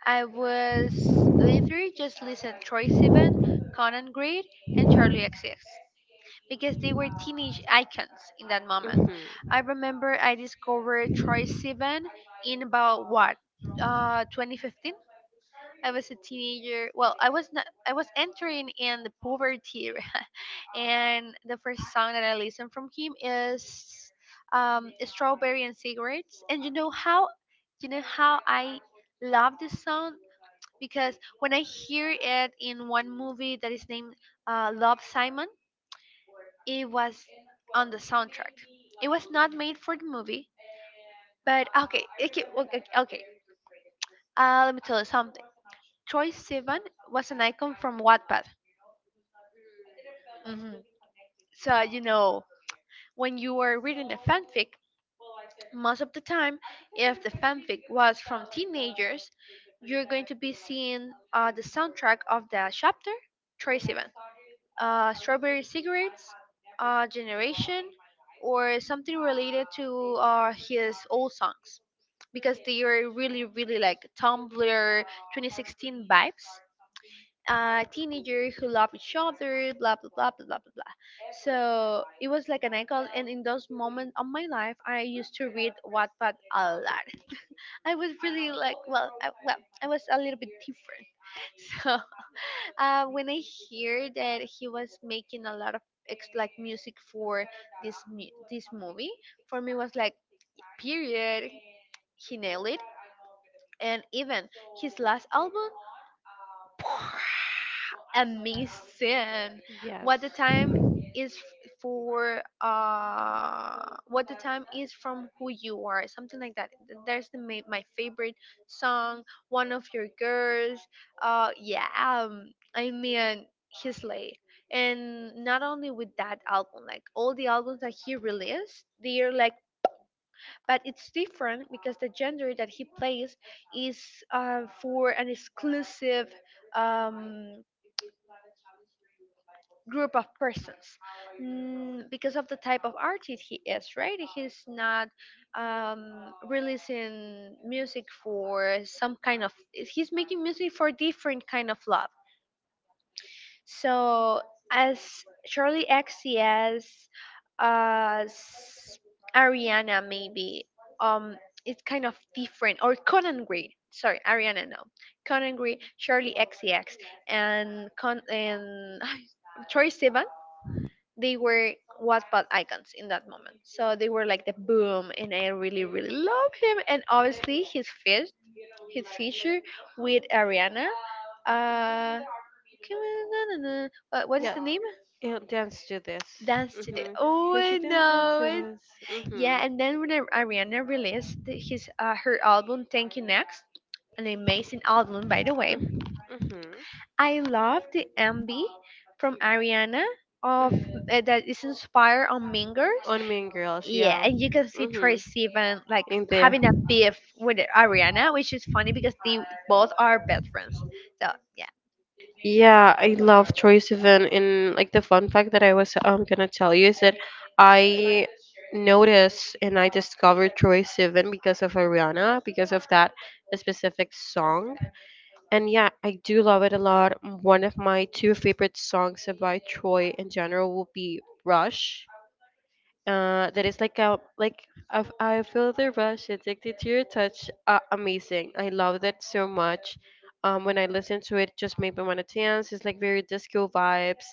A: I was literally just listen Troy Sivan, Conan Gray, and Charlie XCX because they were teenage icons in that moment.
B: Hmm.
A: I remember I discovered Troy Sivan in about what, 2015. I was a teenager. Well, I was not. I was entering in the poverty. And the first song that I listened from him is "Strawberry and Cigarettes." And you know how I love this song, because when I hear it in one movie that is named Love Simon, it was on the soundtrack. It was not made for the movie, but okay, okay, okay. Let me tell you something. Troye Sivan was an icon from Wattpad. Hmm So, you know, when you are reading a fanfic, most of the time, if the fanfic was from teenagers, you're going to be seeing the soundtrack of the chapter, Troye Sivan, Strawberry Cigarettes, Generation, or something related to his old songs, because they are really, really like Tumblr 2016 vibes, teenager who love each other, blah blah blah blah blah blah. So it was like an icon, and in those moments of my life, I used to read Wattpad a lot. I was really like, well, I was a little bit different. So when I hear that he was making a lot of like music for this movie, for me was like, period, he nailed it. And even his last album. Amazing.
B: Yes.
A: What the time what the time is from who you are, something like that. There's my favorite song, One of Your Girls. Yeah I mean, his lay, and not only with that album, like all the albums that he released, they're like, but it's different because the gender that he plays is for an exclusive um group of persons, because of the type of artist he is, right? He's not releasing music for some kind of, he's making music for different kind of love. So as Charlie X C S, as Ariana maybe, um it's kind of different. Or Conan Green, sorry, Ariana, no, Conan Green, Charlie XCX, and Troye Sivan, they were Wattpad icons in that moment. So they were like the boom, and I really, really love him. And obviously his his feature with Ariana. Uh, Come on, na, na, na. What is
B: Yeah,
A: the name?
B: it'll dance to this.
A: Dance today.
B: Mm-hmm.
A: Oh,
B: Which
A: I
B: you didn't dance
A: know
B: to
A: it.
B: this. Mm-hmm.
A: Yeah, and then when Ariana released his her album Thank You Next, an amazing album by the way,
B: Mm-hmm.
A: I love the MB from Ariana of
B: Mm-hmm.
A: that is inspired on Mingers.
B: On Mean Girls,
A: Yeah,
B: yeah.
A: and you can see
B: Mm-hmm.
A: Trace even like
B: In there.
A: having a beef with Ariana, which is funny because they both are best friends. So yeah,
B: Yeah, I love Troye Sivan. And, like, the fun fact that I was gonna tell you is that I noticed and I discovered Troye Sivan because of Ariana, because of that specific song. And yeah, I do love it a lot. One of my two favorite songs by Troy in general will be Rush, that is like a like I feel the rush addicted to your touch, amazing, I love that so much. When I listen to it, just made me want to dance, it's like very disco vibes,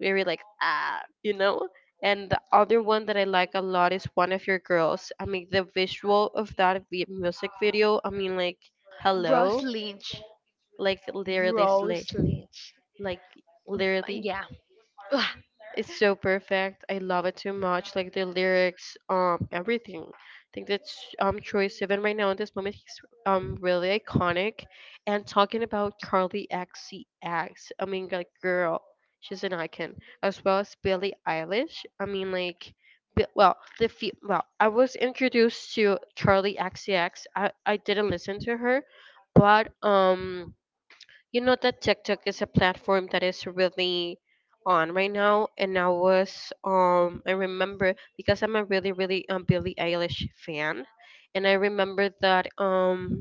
B: very like ah, you know. And the other one that I like a lot is One of Your Girls. I mean, the visual of that music video, I mean, like,
A: Rose
B: hello,
A: Lynch,
B: like, literally slay,
A: Rose Lynch.
B: like, literally,
A: Yeah, ugh.
B: it's so perfect. I love it too much. Like the lyrics, everything. I think that's Troye Sivan right now in this moment he's really iconic. And talking about Carly XCX, I mean, like, girl, she's an icon as well as Billie Eilish. I mean, like. Well, well, I was introduced to Charlie XCX. I didn't listen to her, but you know that TikTok is a platform that is really on right now, and I was I remember because I'm a really really Billie Eilish fan, and I remember that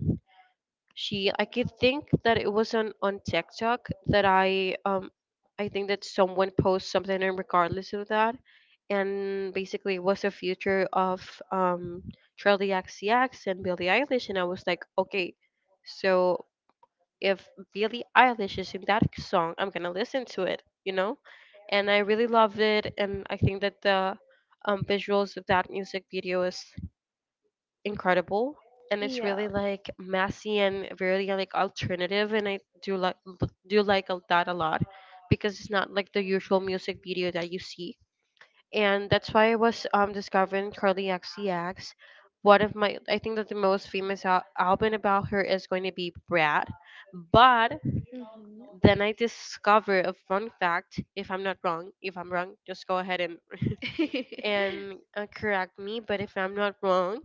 B: she I could think that it was on TikTok that I think that someone posted something and regardless of that, and basically it was a future of um Charlie XCX and Billie Eilish, and I was like, okay. So if Billie Eilish is in that song, I'm gonna listen to it, you know? And I really loved it, and I think that the visuals of that music video is incredible, and it's
A: Yeah.
B: really like messy and really like alternative, and I do like that a lot because it's not like the usual music video that you see, and that's why I was discovering Carly XCX. One of my, I think that the most famous album about her is going to be Brad, but
A: Mhm.
B: then I discover a fun fact. If I'm not wrong, if I'm wrong, just go ahead and correct me. But if I'm not wrong,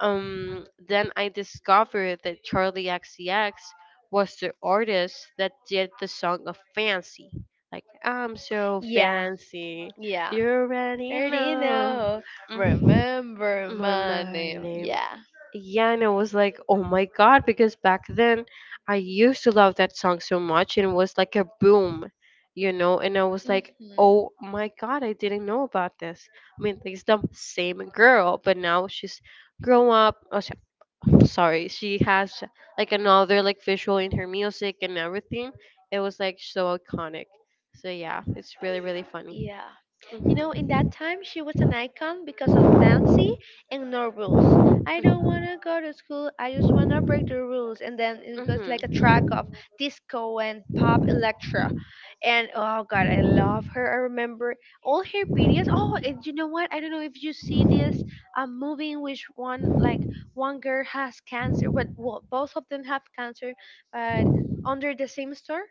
B: then I discovered that Charlie XCX was the artist that did the song of Fancy. Like, I'm so
A: Yeah,
B: fancy,
A: yeah.
B: you already
A: Already
B: know.
A: know.
B: Mm.
A: Remember
B: Or
A: my
B: my
A: name.
B: name
A: Yeah.
B: yeah, and I was like, oh my God, because back then I used to love that song so much and it was like a boom, you know, and I was like,
A: Mhm.
B: oh my God, I didn't know about this. I mean, it's the same girl, but now she's grown up. Oh, sorry, she has like another like visual in her music and everything. It was like so iconic. So yeah, it's really, really funny.
A: Yeah. You know, in
B: Hmm.
A: that time, she was an icon because of Fancy and No Rules. I don't want to go to school, I just want to break the rules. And then it
B: Hmm.
A: was
B: Hmm.
A: like a track of disco and pop electro. And oh, God, I love her. I remember all her videos. Oh, and you know what? I don't know if you see this movie in which one, like, one girl has cancer. But, well, both of them have cancer, but under the same store.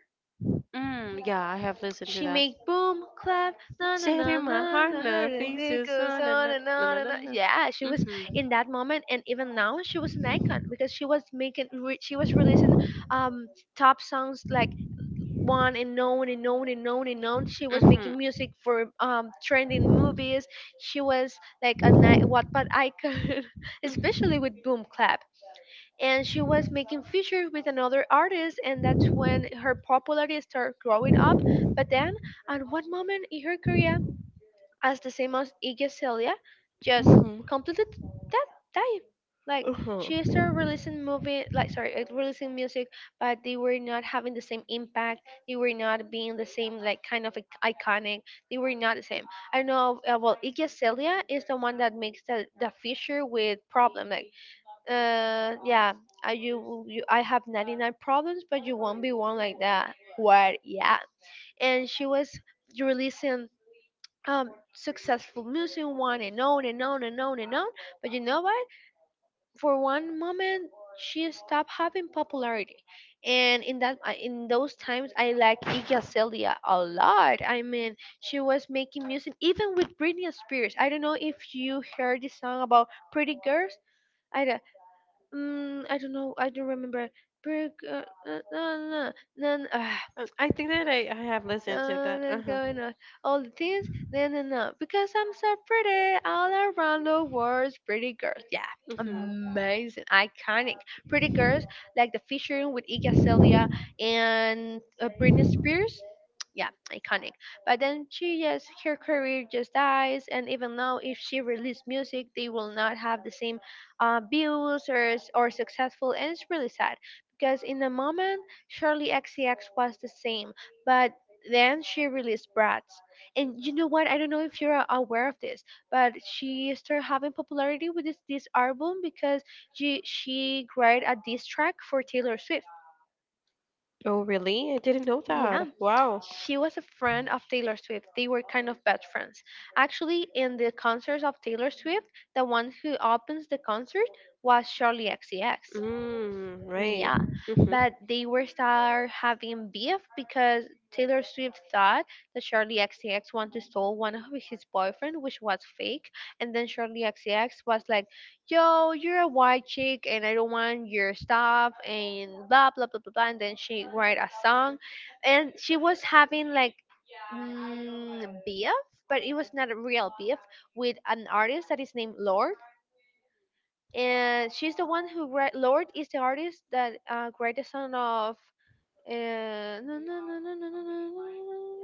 B: Mm, yeah, I have listened to
A: She
B: that.
A: make boom, clap, na na
B: Share
A: na
B: my
A: na
B: heart,
A: na.
B: no
A: As it
B: pieces,
A: goes
B: na na
A: on
B: na
A: and
B: na
A: on
B: na na
A: and on.
B: na.
A: Yeah, she was
B: Mhm.
A: in that moment, and even now she was an icon, because she was making, she was releasing um top songs like one and known and known and known and known. She was
B: Mhm.
A: making music for trending movies. She was like a Wattpad icon, especially
B: Mhm.
A: with Boom Clap, and she was making features with another artist, and that's when her popularity started growing up. But then at one moment in her career, as the same as Iggy Celia, just
B: Mhm.
A: completed that type, like,
B: Uh-huh.
A: she started releasing movie, like, sorry, releasing music, but they were not having the same impact, they were not being the same like kind of iconic, they were not the same. I know, well, Iggy Celia is the one that makes the feature with Problem, like, yeah, I, you, will- you I have 99 problems but you won't be one, like that, what, yeah. And she was releasing successful music one and on and on and on and on, but you know what, for one moment she stopped having popularity. And in that in those times I like Iggy Azalea a lot. I mean, she was making music even with Britney Spears. I don't know if you heard the song about Pretty Girls. i, Mm, I don't know. I don't remember. Burger. No, no, no. No, no, no. Ah.
B: I think that I have listened to that. Uh
A: That's
B: huh.
A: going on. All the things, no, no, no. Because I'm so pretty, all around the world, pretty girls. Yeah,
B: Hmm.
A: amazing, iconic. Pretty girls, like the featuring with Iggy Azalea and Britney Spears. Yeah, iconic. But then she just her career just dies, and even now, if she released music, they will not have the same views or successful, and it's really sad. Because in the moment, Shirley XCX was the same, but then she released Bratz. And you know what? I don't know if you're aware of this, but she started having popularity with this album because she created a diss track for Taylor Swift.
B: Oh, really? I didn't know
A: Yeah,
B: that. Wow.
A: she was a friend of Taylor Swift. They were kind of best friends. Actually, in the concerts of Taylor Swift, the one who opens the concert was Charlie XCX.
B: Mm, right.
A: Yeah,
B: Mm-hmm.
A: but they were start having beef because Taylor Swift thought that Charlie XCX wanted to stole one of his boyfriend, which was fake. And then Charlie XCX was like, "Yo, you're a white chick, and I don't want your stuff," and blah blah blah blah blah. And then she write a song, and she was having like beef, but it was not a real beef with an artist that is named Lorde, and she's the one who write. Lord is the artist that write the song of uh, na- na- na- na- na- na- na- na-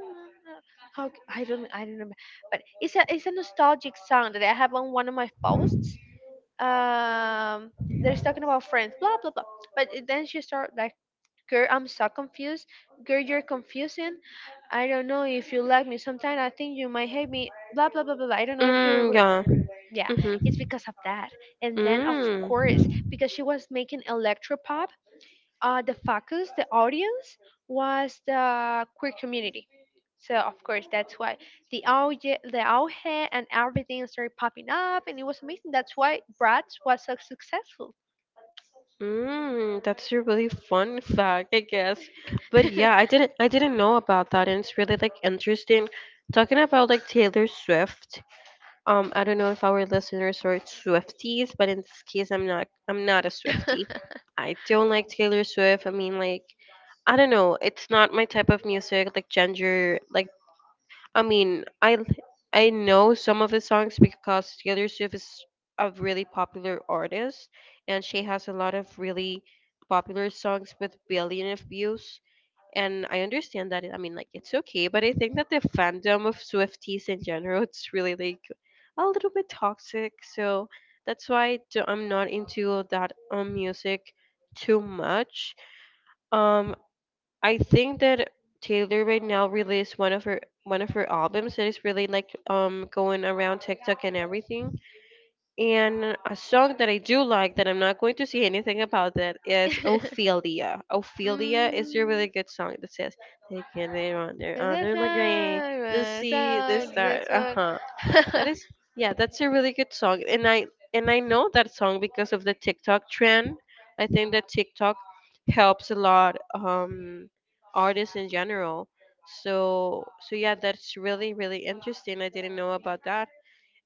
A: I don't remember, but it's a nostalgic song that I have on one of my posts. Um, they're talking about friends, blah blah blah. Then she start like, "Girl, I'm so confused. Girl, you're confusing. I don't know if you like me. Sometimes I think you might hate me. Blah blah blah blah blah. I don't know if
B: Mm,
A: you,"
B: yeah.
A: yeah,
B: Mm-hmm.
A: it's because of that, and then of
B: Mm.
A: course, because she was making electropop, the audience was the queer community, so of course that's why the auge and everything started popping up, and it was amazing. That's why Bratz was so successful.
B: Mm, that's a really fun fact, I guess. But yeah, I didn't know about that, and it's really like interesting talking about like Taylor Swift. I don't know if our listeners are Swifties, but in this case, I'm not. I'm not a Swiftie. I don't like Taylor Swift. I mean, like, I don't know. It's not my type of music. Like ginger. Like, I mean, I l- I know some of the songs because Taylor Swift is a really popular artist, and she has a lot of really popular songs with billion of views, and I understand that. I mean, like it's okay, but I think that the fandom of Swifties in general, it's really like a little bit toxic. So that's why I'm not into that music too much. Um, I think that Taylor right now released one of her albums that is really like going around TikTok and everything. And a song that I do like that I'm not going to say anything about that is Ophelia. Ophelia is a
A: Mm,
B: really good song that says they wander
A: that's
B: under the grain,
A: not-
B: the
A: that's
B: sea, the
A: not-
B: star.
A: that's
B: Uh
A: not-
B: huh. That is yeah, that's a really good song. And I know that song because of the TikTok trend. I think that TikTok helps a lot artists in general. So yeah, that's really interesting. I didn't know about that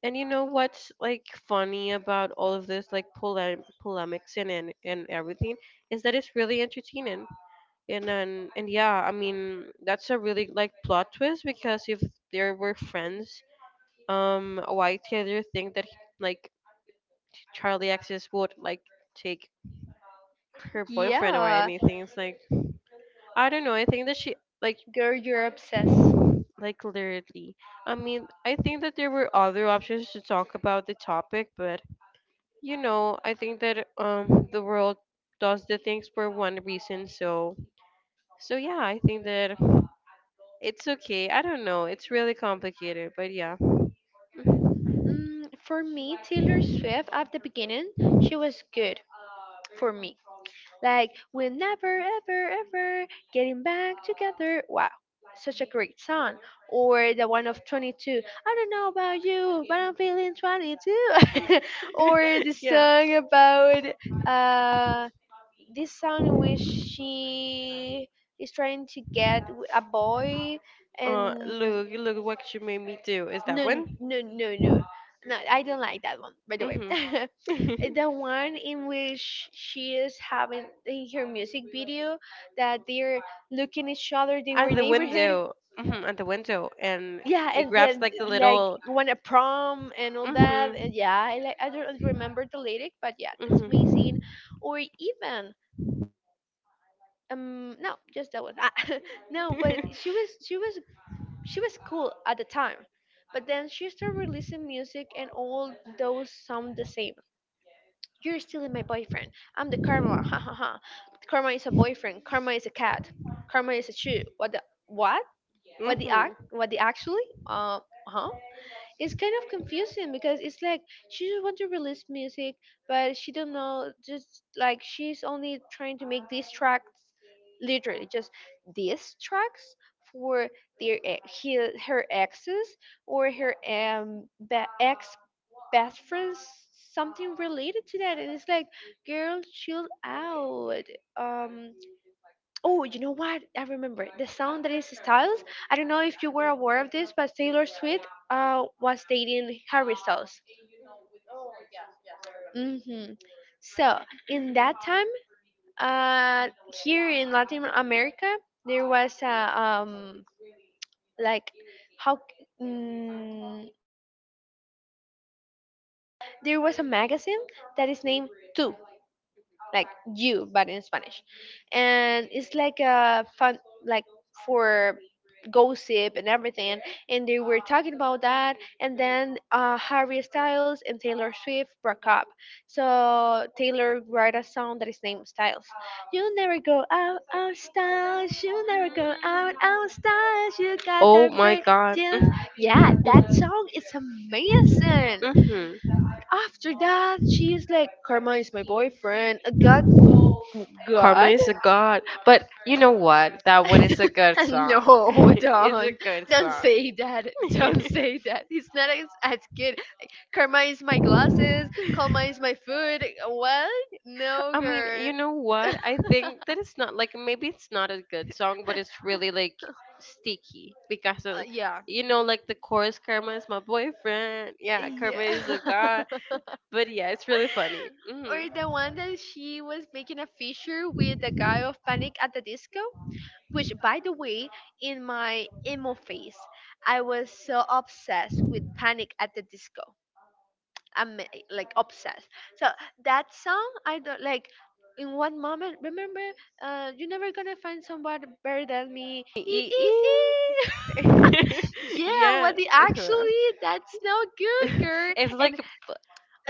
B: and you know what's like funny about all of this, like polemics and everything, is that it's really entertaining. And yeah, I mean that's a really like plot twist because if they were friends, why did you think that like Charlie Axis would like take her boyfriend or
A: yeah,
B: anything? It's like I don't know. I think that she like
A: girl, you're obsessed.
B: like literally. I mean, I think that there were other options to talk about the topic, but you know, I think that the world does the things for one reason, so yeah, I think that it's okay. I don't know. It's really complicated, but yeah.
A: For me, Taylor Swift at the beginning, she was good for me. Like, we're never ever ever getting back together. Wow, such a great song. Or the one of 22. I don't know about you, but I'm feeling 22. Or the
B: yeah.
A: song about uh this song in which she is trying to get a boy, and
B: Look, look what you made me do. Is that
A: no,
B: one?
A: no, no, no, no, I don't like that one, by the way.
B: Mhm.
A: The one in which she is having in her music video, that they're looking each other, they were
B: at the
A: neighborhood.
B: window, at the window, and
A: Yeah,
B: it
A: and
B: grabs
A: then
B: like the
A: like
B: little.
A: won a prom and all that.
B: Mhm.
A: And yeah, I don't remember the lyric, but yeah, that's amazing.
B: Mhm.
A: Or even no, just that one. Ah, no, but she was cool at the time. But then she started releasing music, and all those sound the same. You're still my boyfriend, I'm the karma. Ha ha ha. Karma is a boyfriend, karma is a cat, karma is a shoe. What the, what what the act
B: mhm.
A: what the actually, huh? It's kind of confusing, because it's like she just want to release music, but she don't know. Just like she's only trying to make these tracks, literally just these tracks for her exes, or her ex best friends, something related to that. And it's like, girl, chill out. um Oh, you know what? I remember the song that is Styles. I don't know if you were aware of this, but Taylor Swift was dating Harry Styles. hmm So in that time, uh, here in Latin America, there was a um like how mm, there was a magazine that is named Two. Like "you," but in Spanish, and it's like a fun, like, for gossip and everything. And they were talking about that, and then Harry Styles and Taylor Swift broke up, so Taylor wrote a song that is named Styles. You never go out out Styles, you never go out out Styles, you got
B: Oh
A: that
B: my
A: break.
B: god.
A: Yeah, that
B: Mhm.
A: song is amazing.
B: Mhm.
A: After that, she's like, "Karma is my boyfriend." God,
B: Karma
A: God?
B: is a god, but you know what? That one is a good song.
A: No,
B: it's a good
A: don't
B: song.
A: say that. Don't say that. It's not as good. Karma is my glasses. Karma is my food. What? No,
B: I mean,
A: girl.
B: you know what? I think that it's not like maybe it's not a good song, but it's really like sticky because
A: Uh,
B: of,
A: yeah.
B: you know, like the chorus Karma is my boyfriend. Yeah, Karma is
A: Yeah.
B: a god. But yeah, it's really funny. Hmm.
A: Or the one that she was making a feature with the guy of Panic at the Disco. Which, by the way, in my emo phase, I was so obsessed with Panic at the Disco. I'm like obsessed. So that song, I don't like. In one moment, remember, you're never gonna find somebody better than me. Ee, ee, ee. Yeah,
B: yeah.
A: what the
B: Uh-huh.
A: actually? That's not good, girl.
B: it's
A: And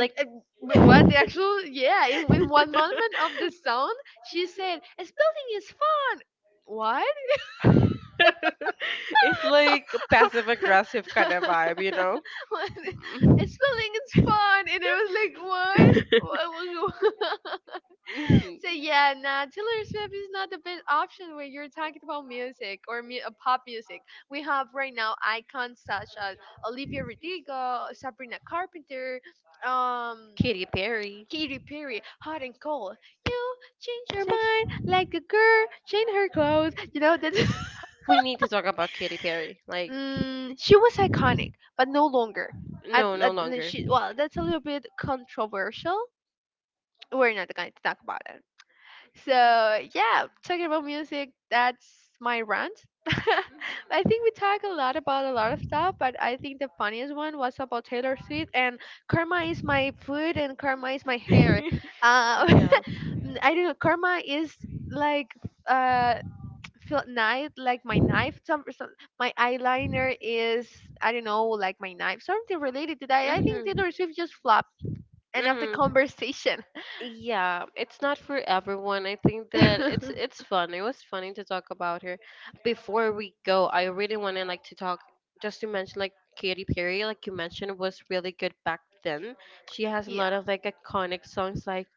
A: but what the actual yeah, in, one moment of the song she said spelling is fun. What?
B: it's like passive aggressive kind of vibe, you know?
A: What?
B: Mhm.
A: Spelling is fun. And I was like, what, what?
B: Mhm.
A: So yeah, nah, Taylor Swift is not the best option when you're talking about music, or pop music. We have right now icons such as Olivia Rodrigo, Sabrina Carpenter, um
B: Katy Perry.
A: Katy Perry. Hot and cold. You change your
B: Six-
A: mind like a girl change her clothes. You know that.
B: we need to talk about Katy Perry. Like,
A: She was iconic, but no longer. At,
B: no, no
A: at
B: longer.
A: well, that's a little bit controversial. We're not going to talk about it. So yeah, talking about music, that's my rant. I think we talk a lot about a lot of stuff, but I think the funniest one was about Taylor Swift and karma is my food and karma is my hair. Uh, I
B: yeah.
A: I don't know. Karma is like uh feel knife, like my knife, some, my eyeliner is, I don't know, like my knife, something related to that. I think
B: Hmm.
A: Taylor Swift just flopped. End of the
B: Hmm.
A: conversation.
B: Yeah, it's not for everyone. I think that it's fun. It was funny to talk about her. Before we go, I really want to like to talk just to mention like Katy Perry, like you mentioned, was really good back then. She has a
A: Yeah.
B: lot of like iconic songs like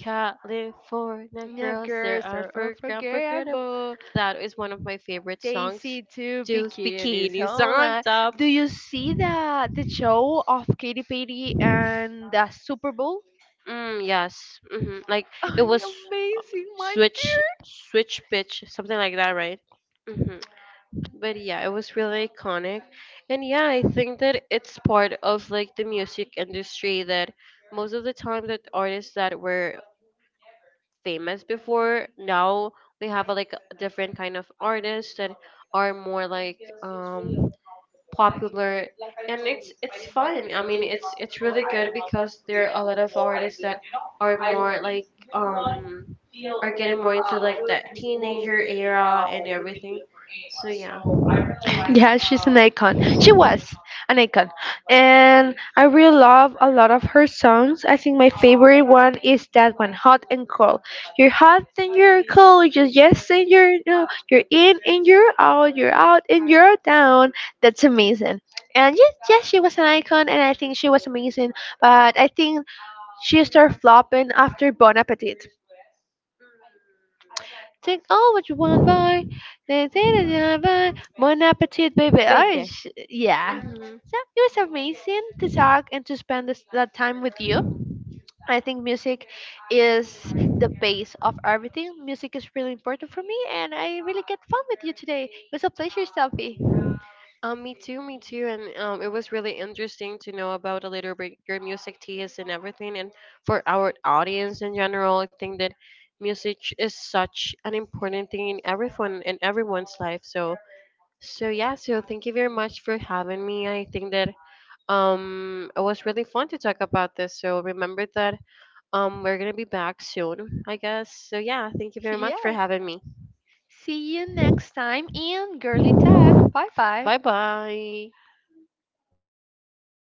B: California
A: Yeah,
B: Girls, they're
A: girls are
B: unforgettable.
A: unforgettable.
B: That is one of my favorite songs.
A: Daisy to
B: Those
A: Bikini.
B: bikinis on
A: All
B: top.
A: Do you see the show of Katy Perry and the Super Bowl?
B: Mm, yes. Hmm. Like it was.
A: Amazing, my
B: switch
A: girl.
B: switch pitch, something like that, right? Hmm. But yeah, it was really iconic, and yeah, I think that it's part of like the music industry that most of the time that artists that were famous before, now we have like a different kind of artists that are more like popular, and it's fun. I mean, it's really good because there are a lot of artists that are more like um are getting more into like that teenager era and everything, so yeah.
A: Yeah, she's an icon. She was an icon. And I really love a lot of her songs. I think my favorite one is that one, Hot and Cold. You're hot and you're cold, you're yes and you're no. You're in and you're out and you're down. That's amazing. And yes, yes, she was an icon, and I think she was amazing. But I think she started flopping after Bon Appetit. Take all what you want, boy. They say that you have a Bon appetit, baby.
B: Baby.
A: Irish. Yeah. So it was amazing to talk and to spend this, that time with you.
B: Hmm.
A: I think music is the base of everything. Music is really important for me, and I really get fun with you today. It was a pleasure, Sophie.
B: Me too, me too, and it was really interesting to know about a little bit your music taste and everything, and for our audience in general, I think that music is such an important thing in everyone's life. So, so yeah, so thank you very much for having me. I think that it was really fun to talk about this. So remember that we're gonna be back soon, I guess. So yeah, thank you very much for
A: Yeah.
B: having me.
A: See you next time in Girly Talk. Bye bye.
B: Bye bye.